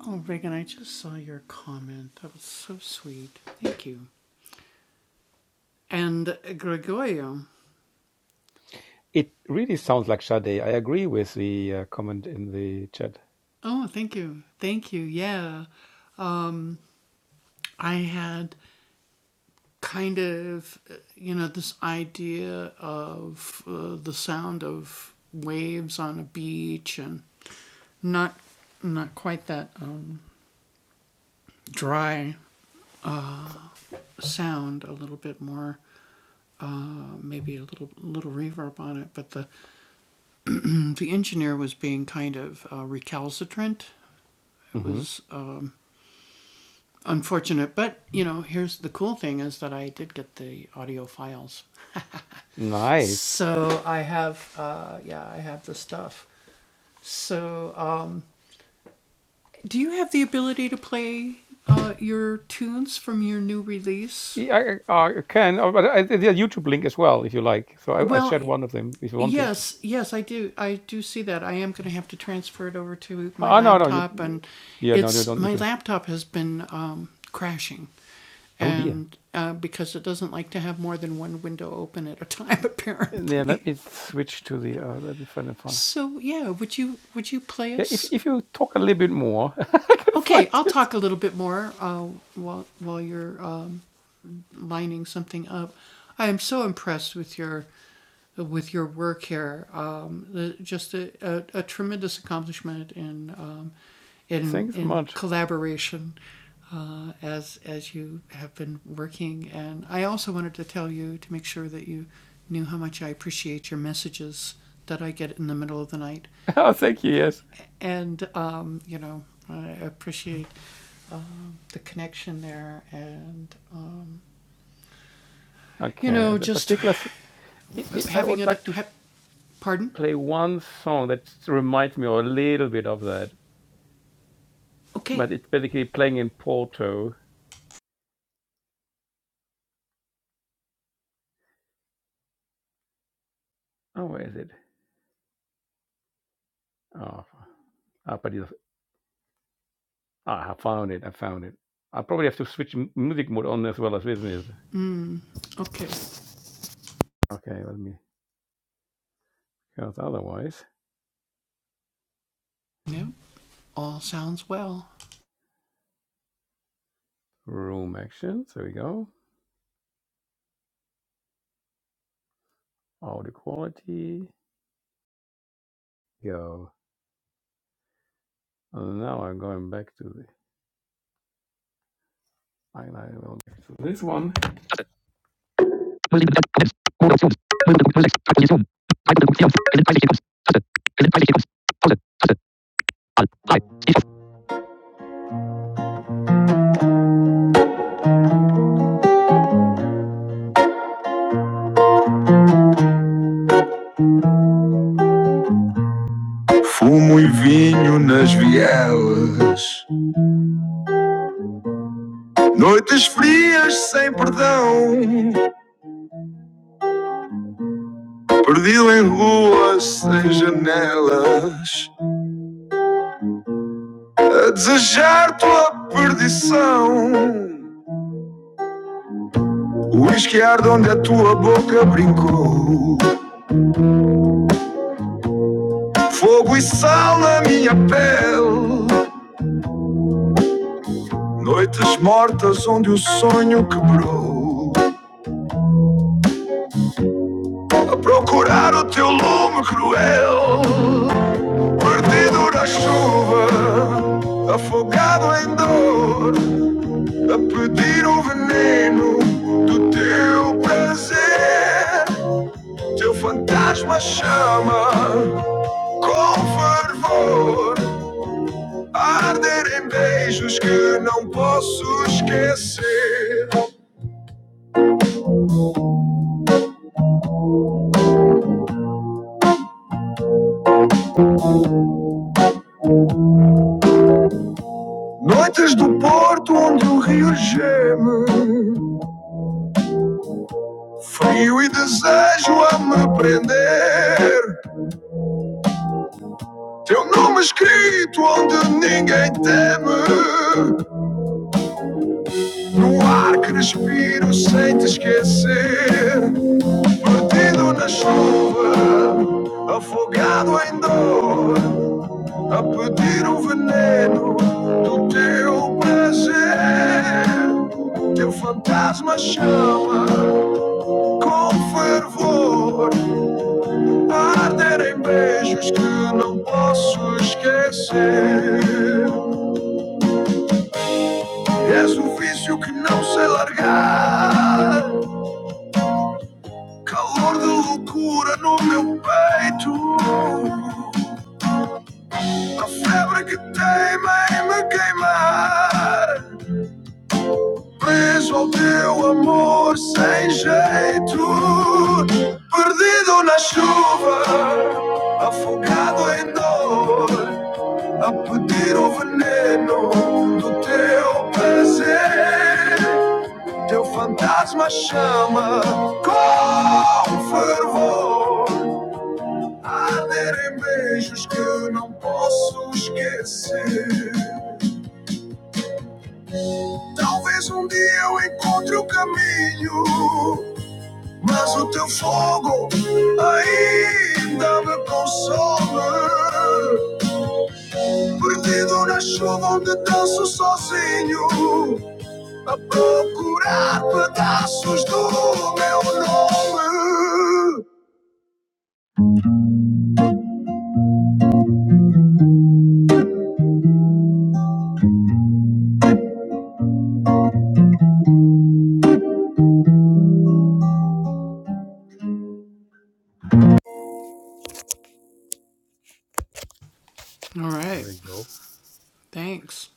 A: Oh, Reagan, I just saw your comment. That was so sweet. Thank you. And Gregorio. Oh, thank you. Thank you. Yeah. Um, I had kind of, uh, you know, this idea of uh, the sound of waves on a beach and not not quite that um, dry sound a little bit more, uh, maybe a little little reverb on it. But the the engineer was being kind of uh, recalcitrant. It was um, unfortunate, but you know, here's the cool thing is that I did get the audio files, so I have uh, yeah, I have the stuff. So um, do you have the ability to play uh, your tunes from your new release? Well, Yes, yes, I do. I do see that. I am going to have to transfer it over to my laptop, and it's my laptop has been um, crashing, and uh, because it doesn't like to have more than one window open at a time, apparently. So yeah, would you would you play us? Okay, I'll talk a little bit more uh, while while you're uh, lining something up. I am so impressed with your with your work here. Um, the, just a, a, a tremendous accomplishment in um, in in collaboration uh, as as you have been working. And I also wanted to tell you to make sure that you knew how much I appreciate your messages that I get in the middle of the night. And um, you know, I appreciate um, the connection there and um, you know just having it. uh, Ha- pardon? Okay. Mm, okay. Yeah. All sounds well.
F: Fumo e vinho nas vielas, noites frias sem perdão, perdido em ruas sem janelas, a desejar tua perdição. O uísque arde onde a tua boca brincou Fogo e sal na minha pele Noites mortas onde o sonho quebrou A procurar o teu lume cruel Perdido na chuva Afogado em dor A pedir o veneno Do teu prazer Teu fantasma chama Com fervor A arder em beijos que não posso esquecer Noites do porto onde o rio geme, frio e desejo a me prender. Teu nome escrito onde ninguém teme, no ar que respiro sem te esquecer. Perdido na chuva, afogado em dor, a pedir o veneno do teu prazer. Teu fantasma chama com fervor, arderem beijos que não posso esquecer. És um vício que não sei largar, calor de loucura no meu peito, a febre que teima em me queimar. Preso ao teu amor sem jeito, perdido na chuva, afogado em dor. a pedir o veneno do teu prazer. Teu fantasma chama com fervor, arder beijos que não posso esquecer. Talvez um dia eu encontre o caminho, mas o teu fogo ainda me consome. Perdido na chuva onde danço sozinho a procurar pedaços do meu nome.
A: All right. Thanks.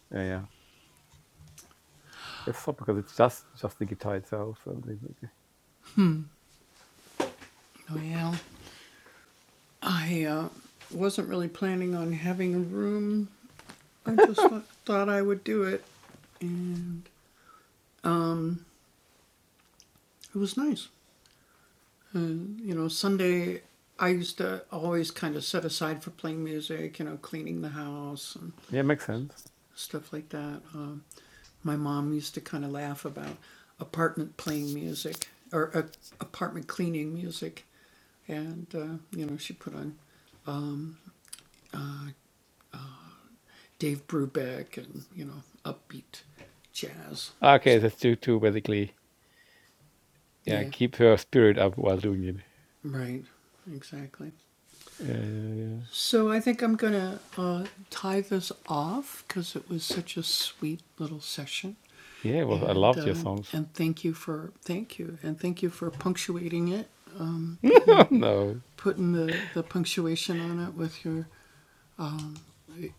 A: Well, I uh, wasn't really planning on having a room. I just thought, thought I would do it, and it was nice. And you know, Sunday I used to always kind of set aside for playing music. You know, cleaning the house and stuff like that. Um, my mom used to kind of laugh about apartment playing music or uh, apartment cleaning music, and uh, you know she put on uh, Dave Brubeck and you know upbeat jazz. Yeah, right, exactly. So I think I'm going to uh, tie this off because it was such a sweet little session, and uh, and thank you for thank you and thank you for punctuating it, um, putting putting the, the punctuation on it with your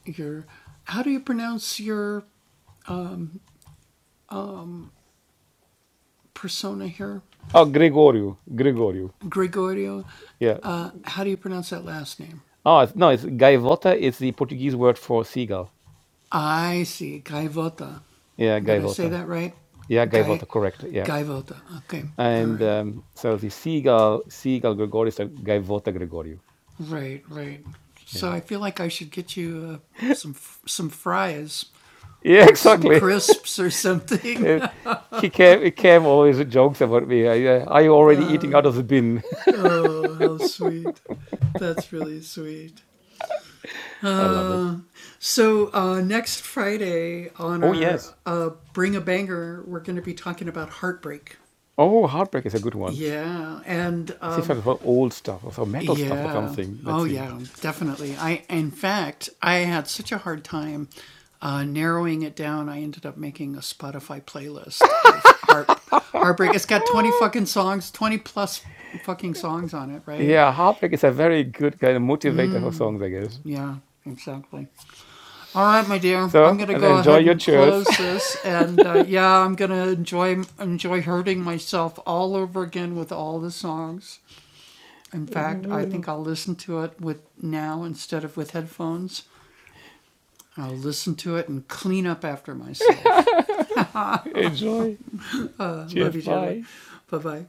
A: your how do you pronounce your persona here, Gregorio? Uh, how do you pronounce that last name? I see, Gaivota. Did I say that right? Gai, Gaivota. Okay, all right. Right, right. So I feel like I should get you uh, some some fries or some crisps or something. oh, how sweet! That's really sweet. Uh, so uh, next Friday on our uh, Bring a Banger, we're going to be talking about heartbreak. Yeah, and um, Yeah. Oh, yeah, definitely. I, in fact, I had such a hard time uh, narrowing it down. I ended up making a Spotify playlist of heart, heartbreak. It's got twenty fucking songs, twenty plus fucking songs on it, right? Yeah, exactly. All right, my dear, I'm gonna go ahead and close this, and uh, yeah, I'm gonna enjoy enjoy hurting myself all over again with all the songs. In fact, I think I'll listen to it with now instead of with headphones I'll listen to it and clean up after myself. Uh, love you dearly. Bye bye.